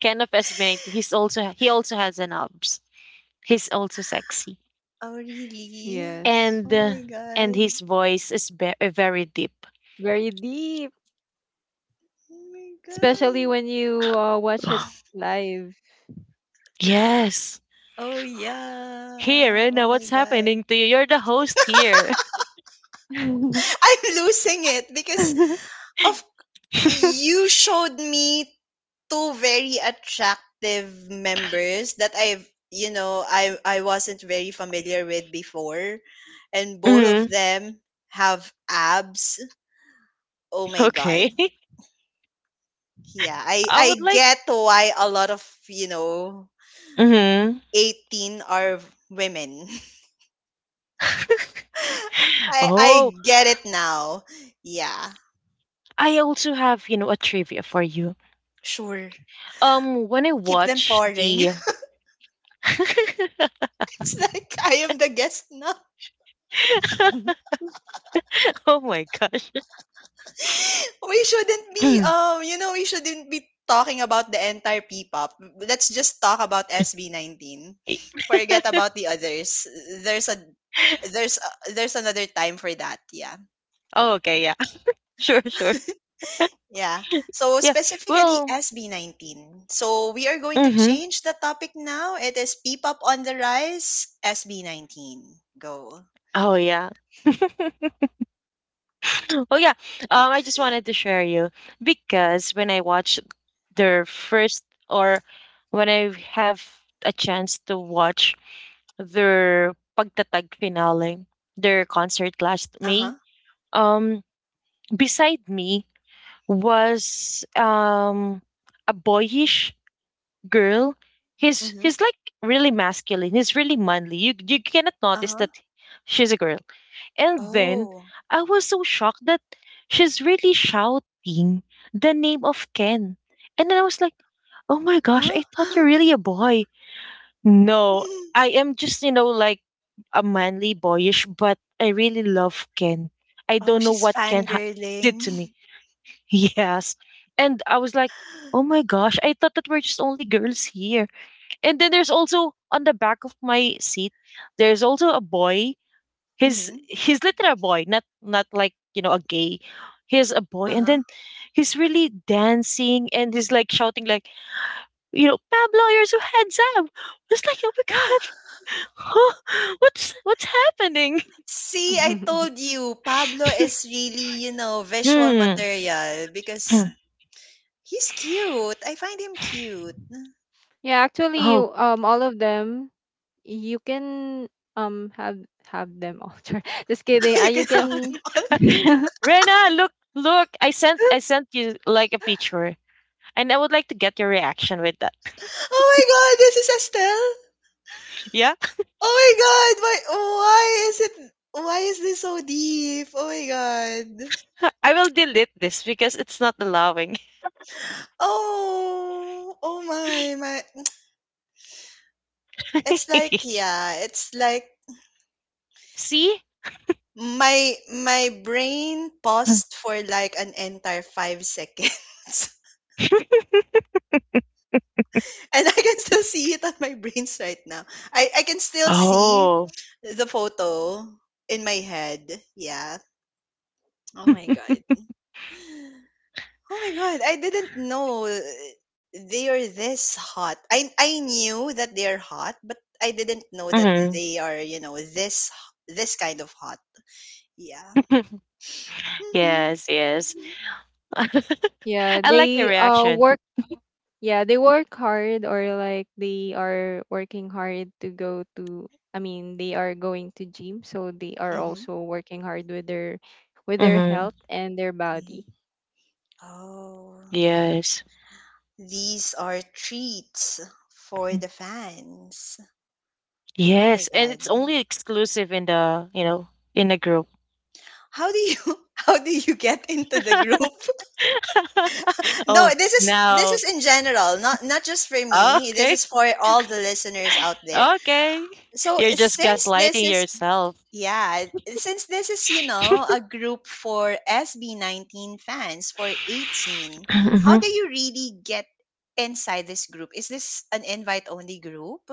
B: Ken of SB, he's also, he also has an abs. He's also sexy.
A: Oh really?
C: Yes.
B: And
A: Oh
B: uh,
A: my
B: and
A: god.
B: his voice is very deep.
C: Very deep,
A: Oh my
C: especially
A: god.
C: when you, watch it live.
B: Yes.
A: Oh
B: Hey,
A: yeah.
B: Rena!
A: Oh
B: What's
A: my god.
B: happening to you? You're the host here.
A: I'm losing it because of— you showed me two very attractive members that I've you know I wasn't very familiar with before, and both of
B: hmm
A: them have abs. Oh my
B: Okay.
A: god. Yeah, I
B: I would
A: I
B: like.
A: get why a lot of, you know,
B: hmm
A: 18 are women. I
B: Oh,
A: I get it now. Yeah.
B: I also have, you know, a trivia for you.
A: Sure.
B: When I
A: Keep them
B: watch
A: pouring.
B: the
A: It's like I am the guest now.
B: oh my gosh.
A: We shouldn't be talking about the entire P-pop. Let's just talk about SB19. Forget about the others. There's a there's another time for that. Yeah.
B: Oh, okay, yeah. Sure, sure.
A: Yeah. So
B: Yeah.
A: specifically
B: Well,
A: SB19. So we are going to
B: mm-hmm.
A: change the topic now. It is P-pop on the rise, SB19. Go.
B: Oh yeah. Oh yeah. I just wanted to share you, because when I watched their first, or when I have a chance to watch their pagtatag finale, their concert last May.
A: Uh-huh.
B: Um, Beside me was a boyish girl. He's
A: Mhm.
B: he's like really masculine. He's really manly. You cannot notice
A: Uh-huh.
B: that she's a girl. And then
A: Oh.
B: I was so shocked that she's really shouting the name of Ken. And then I was like, oh my gosh, I
A: Huh?
B: thought you're really a boy. No, I am just, you know, like a manly boyish, but I really love Ken. I
A: Oh,
B: don't know
A: she's
B: what did
A: fangirling.
B: to me. Yes. And I was like, oh my gosh, I thought that we're just only girls here. And then there's also on the back of my seat, there's also a boy. He's
A: Mhm.
B: he's literally a boy, not like, you know, a gay. He's a boy. And
A: Uh-huh.
B: then he's really dancing, and he's like shouting like, you know, Pablo, you're so handsome. It's like, oh my
A: Ah.
B: God. Huh? What's happening?
A: See, I told you, Pablo is really, you know, visual
B: Hmm.
A: material, because
B: Hmm.
A: he's cute. I find him cute.
C: Yeah, actually,
B: Oh,
C: all of them you can, um have have them all try. Just kidding.
A: You
C: You
A: can have.
C: can
B: Rena, look, look! I sent you like a picture, and I would like to get your reaction with that.
A: Oh my God, this is Estelle.
B: Yeah,
A: Oh my God, why? Why is it? Why is this so deep? Oh my God.
B: I will delete this because it's not allowing.
A: Oh, oh my, my. It's like yeah, it's like
B: See?
A: my brain paused for like an entire five seconds. And I can still see it on my brains right now. I can still see
B: Oh.
A: the photo in my head. Yeah. Oh my god. Oh my god. I didn't know they are this hot. I knew that they're hot, but I didn't know that
B: hmm
A: they are, you know, this kind of hot. Yeah. hmm
B: yes, yes. I
C: yeah,
B: like your reaction.
C: they work hard, or like they are working hard to go to, I mean, they are going to gym, so they are
A: hmm
C: also working hard with their
B: hmm
C: health and their
A: hmm
C: body.
A: Oh,
B: Yes.
A: these are treats for the fans. Oh my
B: Yes, and
A: god.
B: it's only exclusive in the, you know, in the group.
A: How do you how do you get into the group? No,
B: Oh,
A: this
B: now.
A: is in general, not not just for
B: Oh,
A: me. This
B: okay.
A: is for all the listeners out there.
B: Okay.
A: So
B: You're just gaslighting yourself.
A: yeah, since this is, you know, a group for SB19 fans for 18, how do you really get inside this group? Is this an invite only group?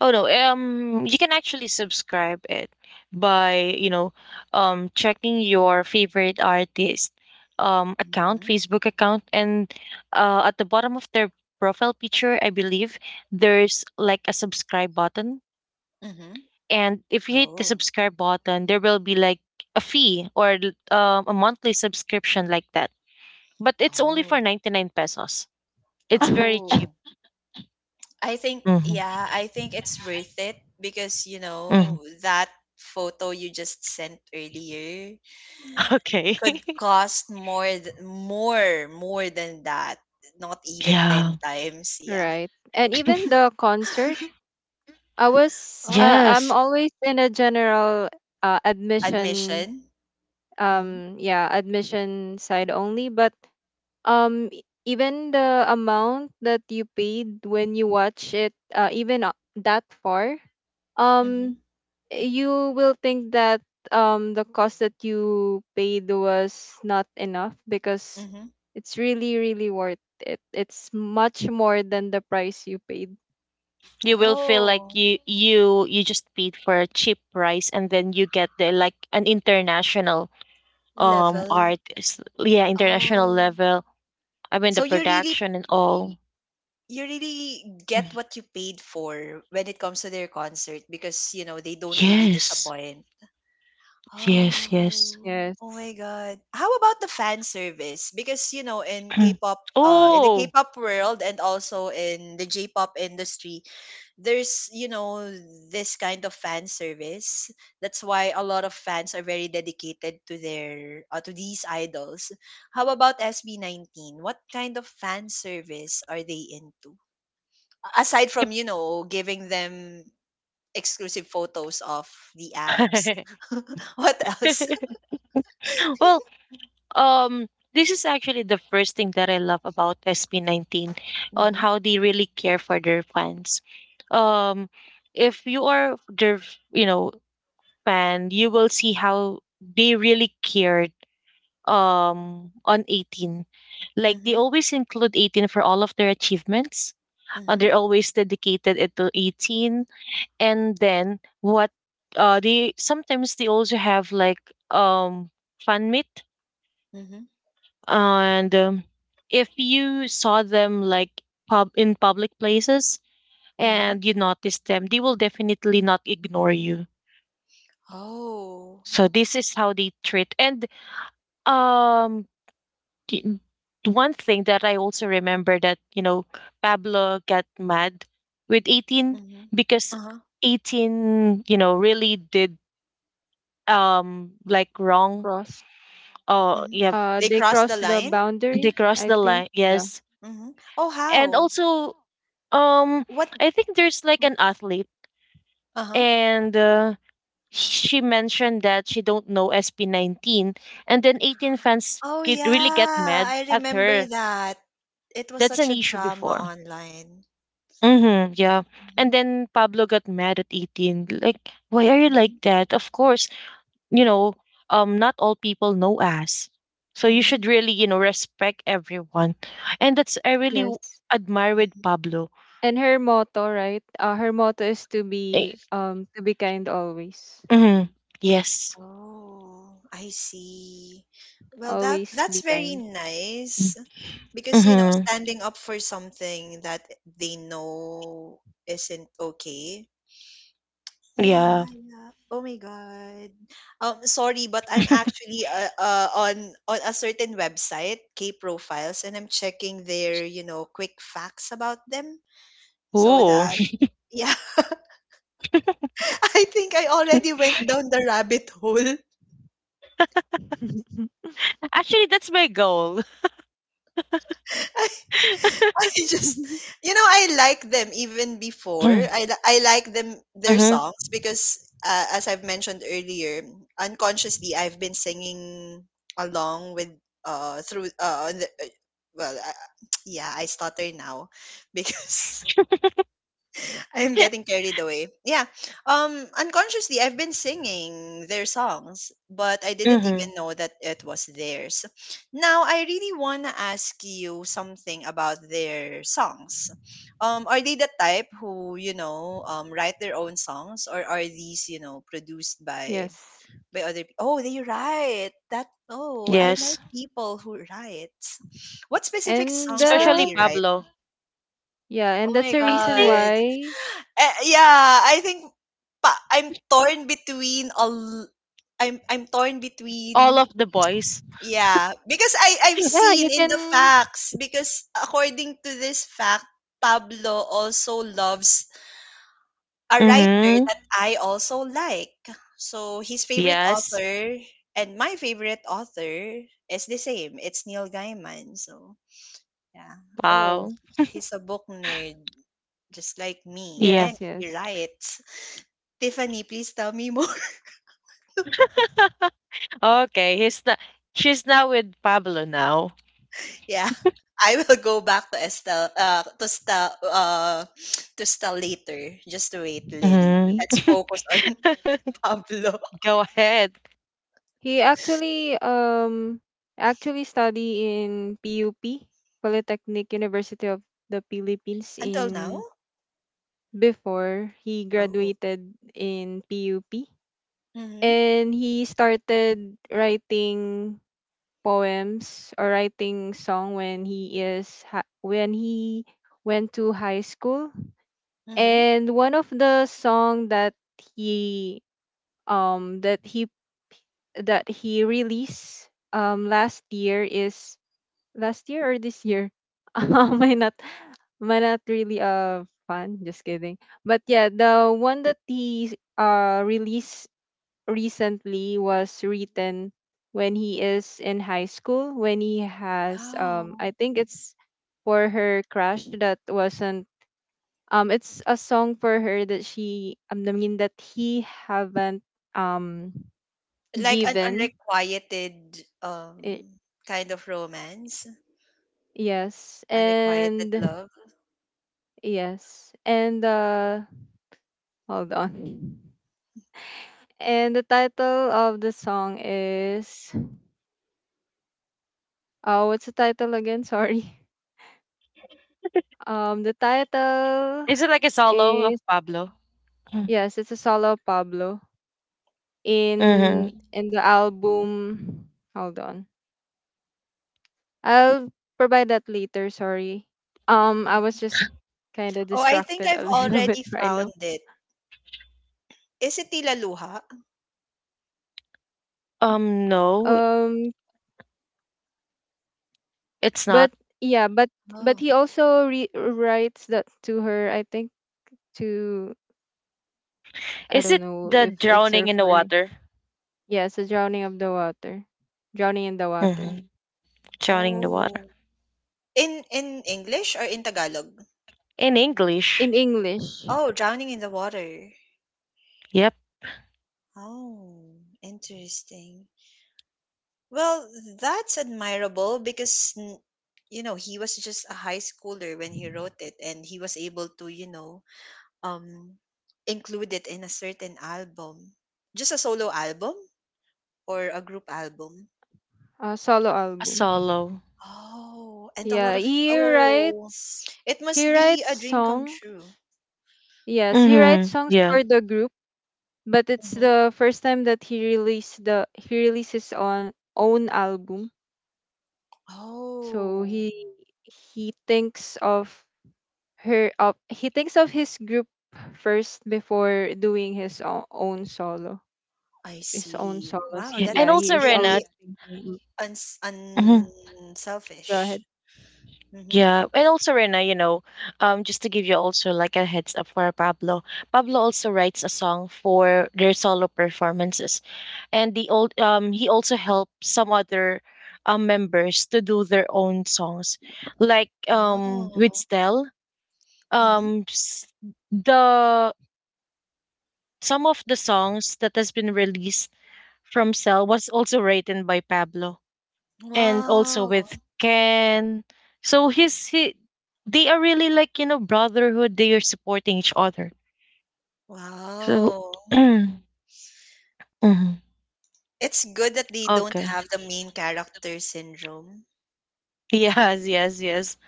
B: Oh no, you can actually subscribe it by, you know, checking your favorite artist, account,
A: Mhm.
B: Facebook account, and at the bottom of their profile picture, I believe there's like a subscribe button.
A: Mhm.
B: And if you hit the
A: Oh.
B: subscribe button, there will be like a a monthly subscription like that. But it's only for
A: Oh.
B: 99 pesos. It's very cheap.
A: Oh. I think
B: Mm-hmm.
A: yeah, I think it's worth it because you
B: hmm
A: know that photo you just sent earlier
B: Okay.
A: could cost more more than that. Not even
B: Yeah.
A: 10 times, yeah.
C: Right. And even the concert,
A: Oh,
C: I'm
B: Yes.
C: always in a general, admission,
A: Admission. Mhm.
C: yeah, admission side only, but even the amount that you paid when you watch it, even, that far, um
A: Mhm.
C: you will think that the cost that you paid was not enough, because
A: Mhm.
C: it's really, really worth it. It's much more than the price you paid.
B: You will feel like
A: Oh,
B: you just paid for a cheap price, and then you get the like an international,
A: level.
B: yeah, international
A: Oh.
B: level. I mean
A: So
B: the production and all.
A: you really get
B: Mm.
A: what you paid for when it comes to their concert, because you know they don't really
B: Yes,
A: disappoint.
B: yes, yes.
A: Oh, oh my
C: Yes.
A: God. How about the fan service? Because, you know, in K-pop, in the
B: Oh,
A: K-pop world and also in the J-pop industry, there's, you know, this kind of fan service. That's why a lot of fans are very dedicated to their, to these idols. How about SB19? What kind of fan service are they into? Aside
B: yep.
A: from, you know, giving them exclusive photos of the abs. What else?
B: Well, um this is actually the first thing that I love about SP19, on how they really care for their fans. um if you are you know, Japan, you will see how they really cared on 18. Like they
A: Mhm,
B: always include 18 for all of their achievements.
A: mhm,
B: They're always dedicated it to 18. And then what, they sometimes, they also have like um fun meet.
A: mhm,
B: And if you saw them like pub in public places
A: mhm.
B: and you notice them, they will definitely not ignore you.
A: Oh.
B: So this is how they treat. And um y- one thing that I also remember that, you know, Pablo got mad with 18,
A: Mhm.
B: because
A: Uh-huh.
B: 18, you know, really did like wrong.
C: cross
A: Mhm.
B: Yeah,
A: They
C: They
A: cross the
C: crossed the
A: line?
B: they
C: boundary,
B: crossed
C: I
B: the
C: think.
B: line.
C: Yeah.
B: Yes.
A: Mhm. Oh,
B: And
A: how?
B: also, um
A: What?
B: I think there's like an athlete,
A: Uh-huh.
B: and she mentioned that she don't know SP19. And then 18 fans
A: Oh, yeah.
B: really get mad
A: I
B: at
A: remember
B: her.
A: that. It was
B: That's an
A: such a
B: issue
A: drama
B: before.
A: online.
B: Mm-hmm, yeah. And
A: Mhm,
B: then Pablo got mad at 18. Like, why are you like
A: mhm,
B: that? Of course, you know, not all people know us. So you
A: mhm,
B: should really, you know, respect everyone. And that's, I
C: Yes,
B: admire with
A: mhm.
B: Pablo.
C: and her motto, right, her motto is to be
B: Eh,
C: um to be kind always.
B: mm-hmm, yes.
A: Oh, I see. Well, that
C: Always
A: that's
C: be
A: very
C: kind.
A: nice because, you know,
B: Mm-hmm,
A: standing up for something that they know isn't okay. Yeah,
B: yeah.
A: yeah, yeah. Oh my God. Sorry, but I'm actually on a certain website, K Profiles, and I'm checking their, you know, quick facts about them so
B: Ooh.
A: that— yeah, I think I already went down the rabbit hole.
B: Actually, that's my goal.
A: I, I just, you know, I like them even before. I like them, their
B: Mm-hmm,
A: songs, because as I've mentioned earlier, unconsciously, I've been singing along with, through, on the, well, yeah, I stutter now because I'm getting carried away. Yeah. Unconsciously I've been singing their songs, but I didn't
B: mm-hmm,
A: even know that it was theirs. Now I really want to ask you something about their songs. Are they the type who, you know, write their own songs, or are these, you know, produced
C: Yes.
A: by other people? Oh, they write. That— oh,
C: Yep.
A: I
B: yes.
A: like people who write. What specific
C: And
A: songs did
B: Especially
A: they write?
B: Pablo.
C: Yeah,
A: Oh
C: and that's
A: my
C: the
B: I
C: reason
B: think
A: god.
C: why.
A: Eh, yeah, I think I'm torn between I'm torn
B: all
A: between—
B: of the boys.
A: yeah, because I've
C: Yeah,
A: seen
C: you
A: in the
C: can.
A: facts, because according to this fact, Pablo also loves a writer
B: Mm-hmm.
A: that I also like. So his favorite
B: Yes.
A: author and my favorite author is the same. It's Neil Gaiman. So yeah. Oh,
B: Wow.
A: he's a book nerd just like me,
B: Yeah.
A: and
C: Yes,
A: he
C: yes.
A: writes— Tiffany, please tell me more.
B: Okay. He's not. She's not with Pablo now.
A: Yeah. I will go back to Estelle, to Stel, to Stel later, just to wait, Lynn. Let's focus on
B: Mm-hmm.
A: Pablo.
B: Go ahead.
C: He actually, actually study in PUP, Polytechnic University of the Philippines,
A: Until
C: in
A: now?
C: before he
A: Oh.
C: graduated in PUP.
A: Mm-hmm.
C: And he started writing poems or writing song when he is when he went to high school.
A: Mm-hmm.
C: And one of the song that he that he that he released last year is, last year or this year, I not am I not really fun, just kidding. But yeah, the one that he released recently was written when he is in high school, when he has,
A: Wow.
C: I think it's for her crush that wasn't, it's a song for her that she I mean that he haven't, um
A: Like an
C: given
A: unrequited
C: it,
A: kind of romance,
C: yes,
A: unrequited
C: and
A: love.
C: yes, and hold on. And the title of the song is, oh, what's the title again? Sorry. The title
B: Is it like a solo of
C: is,
B: Pablo?
C: yes, it's a solo Pablo in
B: Mm-hmm.
C: in the album. Hold on, I'll provide that later. Sorry. I was
A: Mm-hmm.
C: just kind of
A: Oh, I think
C: distracted a
A: I've
C: little bit
A: already
C: right now.
A: found it. Is it "tilaluha"?
B: Um, no,
C: Um,
B: it's
C: but
B: not.
C: yeah, but
A: Oh.
C: he also writes that to her. I think to I
B: Is
C: don't
B: it
C: know
B: the
C: if it's her,
B: drowning in the
C: for
B: water?
C: yes, a drowning of the water, drowning in the water,
B: Mm-hmm. Drowning in the water
A: Oh. In English or in Tagalog?
B: in English.
C: in English.
A: Oh, Drowning in the Water.
B: Yep.
A: Oh, interesting. Well, that's admirable because, n- you know, he was just a high schooler when he wrote it, and he was able to, you know, um, include it in a certain album. Just a solo album or a group album?
C: A solo
B: A
C: album.
B: solo.
A: Oh, and a lot
C: Yeah,
A: of, oh, it must
C: he
A: be
C: writes
A: a dream come
C: songs.
A: true.
C: Yes, he writes
B: Mhm.
C: songs
B: Yeah.
C: for the group, but it's
A: Hmm
C: the first time that he released, the he releases on own album. So
A: Oh,
C: he thinks of her of he thinks of his group first before doing his own solo,
A: I
C: his own
A: see.
C: solos.
A: Wow,
C: He
B: Yeah. And
C: Yeah,
A: that's
C: he
B: also
C: is
B: Rena,
C: always
A: very
C: thinking.
B: mhm,
C: Go
A: unselfish.
C: ahead.
A: Mm-hmm.
B: yeah, and also Rena, you know, just to give you also like a heads up for Pablo. Pablo also writes a song for their solo performances, and the old he also helped some other members to do their own songs, like with
A: Wow.
B: Stel.
A: Mhm.
B: Um, s- the some of the songs that has been released from Stel was also written by Pablo. And also
A: Wow.
B: with Ken. So his he, they are really like, you know, brotherhood. They are supporting each other. So
A: Wow.
B: mhm.
A: It's good that they don't
B: Okay,
A: have the main character syndrome.
B: yes, yes, yes.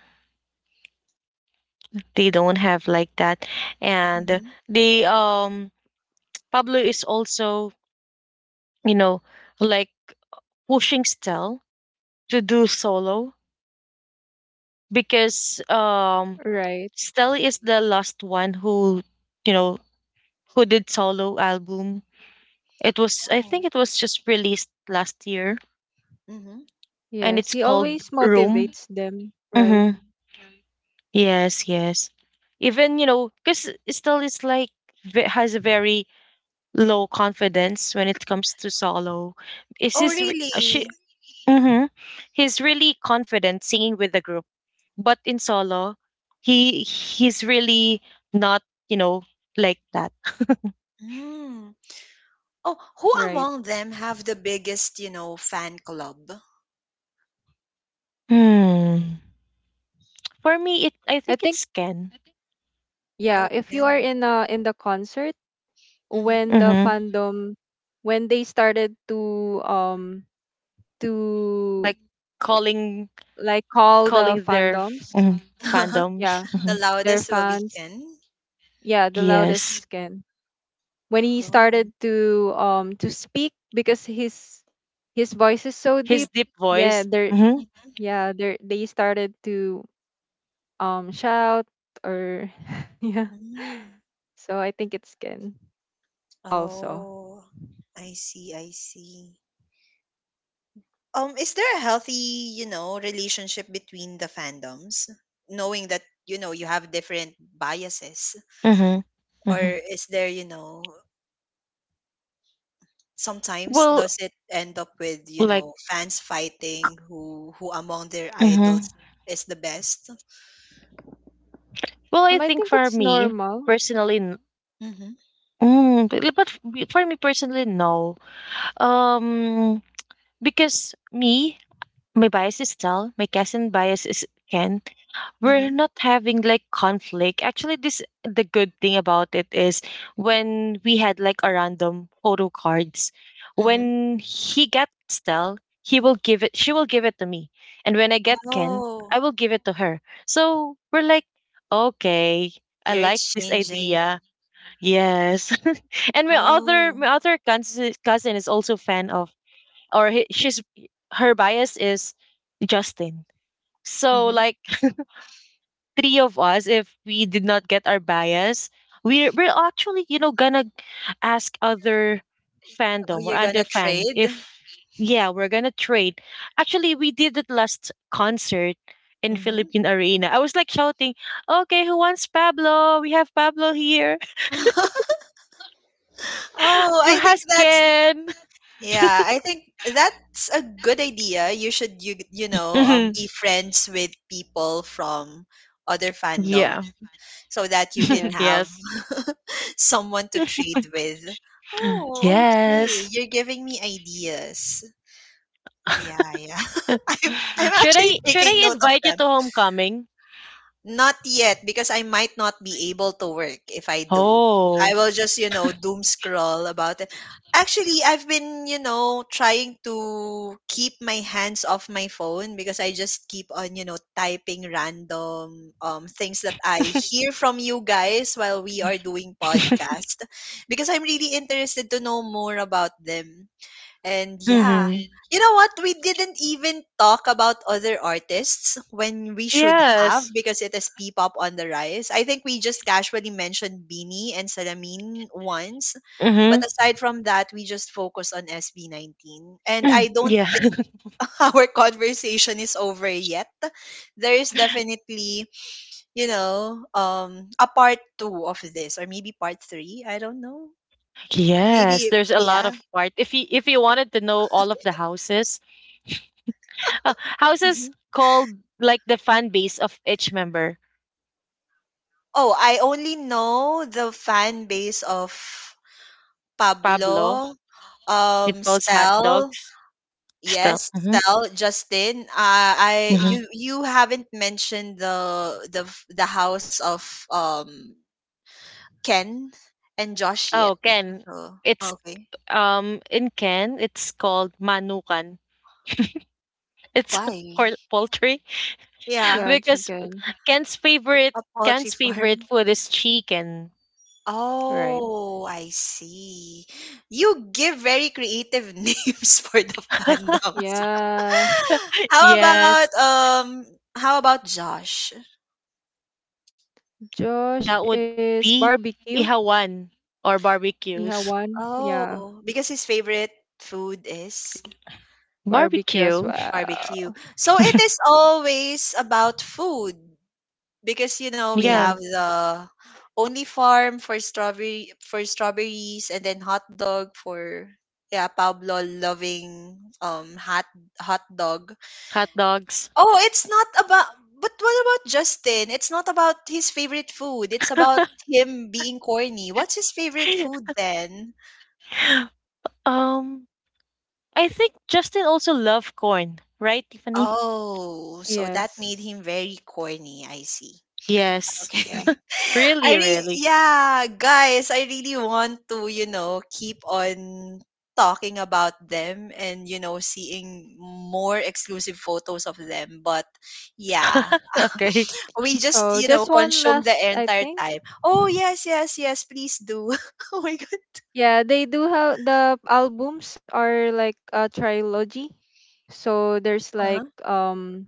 B: They don't have like that. And
A: Mm-hmm.
B: they Pablo is also, you know, like pushing Stel to do solo, because
C: Right.
B: Stel is the last one who, you know, who did solo album. It was, I
A: Oh.
B: think it was just released last year,
A: Mm-hmm.
B: and
C: Yes,
B: it's
C: he
B: called
C: always
B: Room.
C: motivates them. Right.
B: Mhm. Yes, yes. Even, you know, cuz still it's like has a very low confidence when it comes to solo.
A: Oh,
B: She
A: really?
B: mhm. He's really confident singing with the group, but in solo, he's really not, you know, like that.
A: Mm. Oh, who
C: Right.
A: among them have the biggest, you know, fan club?
B: Hmm. For me, it I
C: I
B: think
C: think
B: it's Ken.
C: Yeah,
A: Oh,
C: if you are
A: Ken.
C: in, in the concert,
A: Mm-hmm.
C: when the
B: Mhm.
C: fandom when they started to, to
B: Like calling
C: like call the
B: calling their
C: fandoms,
B: Mm-hmm. fandoms.
C: yeah,
B: Mm-hmm.
A: The
C: their
A: loudest will be
C: fans,
A: Ken.
C: yeah, the loudest
B: Yes.
C: is Ken. When he
A: Oh.
C: started to, to speak, because his voice is so
B: His
C: deep.
B: deep
C: Yeah,
B: voice. Mm-hmm.
A: Mm-hmm.
C: they started to, shout, or yeah.
A: Mm.
C: So I think it's Ken also.
A: Oh, I see, I see. Is there a healthy, you know, relationship between the fandoms, knowing that you know you have different biases,
B: Mm-hmm.
A: or
B: Mm-hmm.
A: is there, you know, sometimes
B: Well,
A: does it end up with you
B: like,
A: know fans fighting who among their
B: mm-hmm.
A: idols is the best?
B: Well, I
C: I
B: think
C: think
B: for
C: it's
B: me
C: normal.
B: personally,
A: Mm-hmm.
B: for me personally, no. Um, because me, my bias is Tal, my cousin bias is Ken. We're
A: Mm-hmm.
B: not having like conflict. Actually, this the good thing about it is when we had like a random photo cards.
A: Mm-hmm.
B: When he gets Stell, he will give it. She will give it to me, and when I get Ken, I
A: Oh,
B: will give it to her. So we're like, okay, I
A: you're
B: like this
A: exchanging.
B: idea. Yes, and
A: Oh.
B: my other cousin cousin is also fan of, she's, her bias is Justin. So
A: Mm-hmm.
B: like three of us, if we did not get our bias, we're actually, you know, gonna ask other
A: Oh,
B: fandom or
A: you're
B: other
A: gonna
B: fan
A: trade.
B: if, yeah, we're gonna trade. Actually, we did it last concert in
A: Mm-hmm.
B: Philippine Arena. I was like shouting, "Okay, who wants Pablo? We have Pablo here.
A: Oh,
B: Who
A: I think
B: has
A: that's—
B: Ken?"
A: yeah, I think that's a good idea. You you know be
B: Mhm.
A: friends with people from other fandoms
B: Yeah.
A: so that you can
C: Yes.
A: have
B: Yes.
A: someone to trade with. Oh, okay.
B: Yes.
A: You're giving me ideas. Yeah, yeah. I'm I'm actually
B: Should
A: taking
B: I
A: note of
B: invite you
A: them.
B: to homecoming?
A: Not yet, because I might not be able to work if I do.
B: Oh.
A: I will just, you know, doom scroll about it. Actually, I've been, you know, trying to keep my hands off my phone because I just keep on, you know, typing random things that I hear from you guys while we are doing podcast, because I'm really interested to know more about them. And yeah,
B: Mm-hmm.
A: you know what? We didn't even talk about other artists when we should have,
B: Yes.
A: because it is P-pop on the rise. I think we just casually mentioned Beanie and Salamin once, but
B: Mm-hmm.
A: aside from that, we just focus on SB19. And
B: Mm,
A: I don't
B: yeah.
A: think our conversation is over yet. There is definitely, you know, a part two of this, or maybe part three. I don't know.
B: Yes.
A: Maybe,
B: There's a lot
A: yeah.
B: of part. If you, if you wanted to know all of the houses, houses
C: Hmm.
B: called like the fan base of each member.
A: Oh, I only know the fan base of
B: Pablo,
A: Pablo,
B: it calls hot
A: Stel.
B: dogs. Still.
A: Yes,
B: Mm-hmm.
A: Stel, Justin. I
B: Mm-hmm.
A: you you haven't mentioned the house of Ken and Josh
B: Oh,
A: yet.
B: Ken.
A: So
B: It's
A: okay,
B: in Ken it's called manukan. It's
A: why?
B: poultry
A: Yeah,
C: Yeah,
B: because
C: chicken.
B: Ken's favorite
A: a poultry
B: Ken's favorite
A: farm.
B: food is chicken.
C: Right.
A: Oh, I see. You give very creative names for the fandoms.
C: Yeah.
A: How about
B: Yes.
A: um how about Josh?
C: Josh
B: That would
C: is
B: be
C: barbecue.
B: ihawan or barbecues.
C: Ihawan. Yeah,
A: Oh, because his favorite food is
C: barbecue as
B: Barbecue.
C: well.
A: barbecue. So it is always about food, because you know we
B: Yeah,
A: have
C: Yes.
A: the only farm for strawberry for strawberries, and then hot dog for— yeah, Pablo loving um hot hot dog.
B: hot dogs.
A: Oh, it's not about. But what about Justin? It's not about his favorite food. It's about him being corny. What's his favorite food then?
B: um, I think Justin also loved corn, right, Tiffany?
A: Oh, so that made
C: Yes.
A: him very corny. I see.
B: Yes.
A: Okay.
C: Yeah.
B: Really, really.
A: Yeah, guys, I really want to, you know, keep on talking about them and, you know, seeing more exclusive photos of them. But yeah,
B: Okay.
A: we just,
C: So
A: you know,
C: just one
A: consume
C: last,
A: the
C: I
A: entire
C: think.
A: time. Oh, yes, yes, yes, please do. Oh my God.
C: Yeah, they do have the albums are like a trilogy. So there's like,
A: Uh-huh.
C: um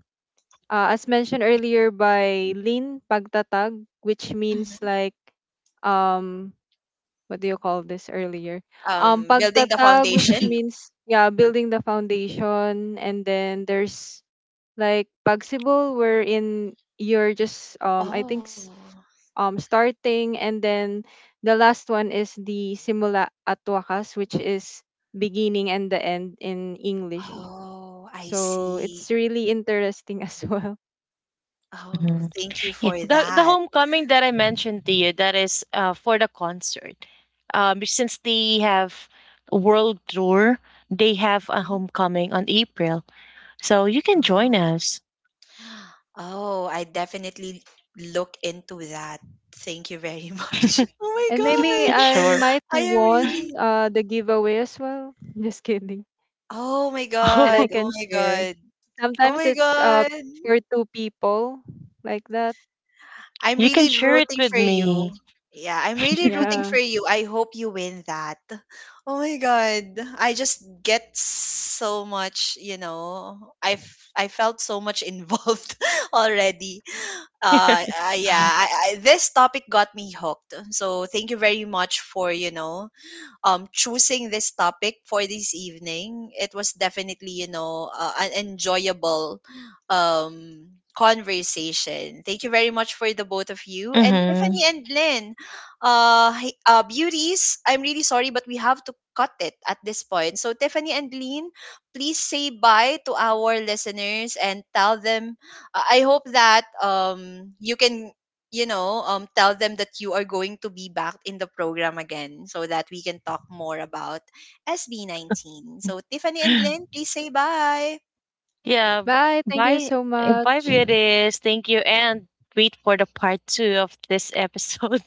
C: uh, as mentioned earlier by Lin, Pagtatag, which means
A: hmm
C: like, um what do you call this earlier?
A: Building the
C: Pagtatag, which
A: foundation.
C: means, yeah, building the foundation. And then there's like pagsibol, wherein you're just, I think,
A: Oh.
C: starting. And then the last one is the simula at wakas, which is beginning and the end in English.
A: Oh, I
C: So
A: see.
C: it's really interesting as well.
A: Oh,
B: Mhm.
A: thank you
B: Yeah.
A: for
B: The
A: that.
B: homecoming that I mentioned to you, that is for the concert. Since they have a world tour, they have a
A: Mhm.
B: homecoming on April, so you can join
A: Oh,
B: us.
A: oh, I definitely look into that. Thank you very much. Oh
C: And maybe
A: my God.
C: I
B: Sure.
C: might
A: I am
C: won,
A: really.
C: the giveaway as well. Just kidding.
A: Oh my
C: And I
A: God. Oh
C: can
A: my
C: share.
A: God. Oh
C: Sometimes
A: my
C: it's,
A: God.
C: for two people like that.
A: I'm
B: You can
A: really
B: share it
A: rooting
B: with
A: for
B: me.
A: you. Yeah, I'm really rooting
C: Yeah.
A: for you. I hope you win that. Oh my god. I just get so much, you know. I felt so much involved already. This topic got me hooked. So thank you very much for, you know, choosing this topic for this evening. It was definitely, you know, an enjoyable um conversation. Thank you very much for the both of you, and
B: hmm
A: Tiffany and Lynn, beauties, I'm really sorry, but we have to cut it at this point. So Tiffany and Lynn, please say bye to our listeners and tell them I hope that you can you know, tell them that you are going to be back in the program again so that we can talk more about SB19. So, Tiffany and Lynn, please say bye.
B: Yeah,
C: Bye. Thank you
B: bye.
C: so
B: Bye,
C: much.
B: beauties. Thank you. And wait for the part two of this episode.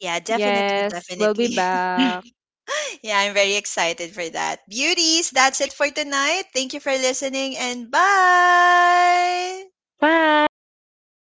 A: Yeah, definitely,
C: Yes, we'll be
A: definitely.
C: back.
A: Yeah, I'm very excited for that. Beauties, that's it for tonight. Thank you for listening and bye.
B: Bye.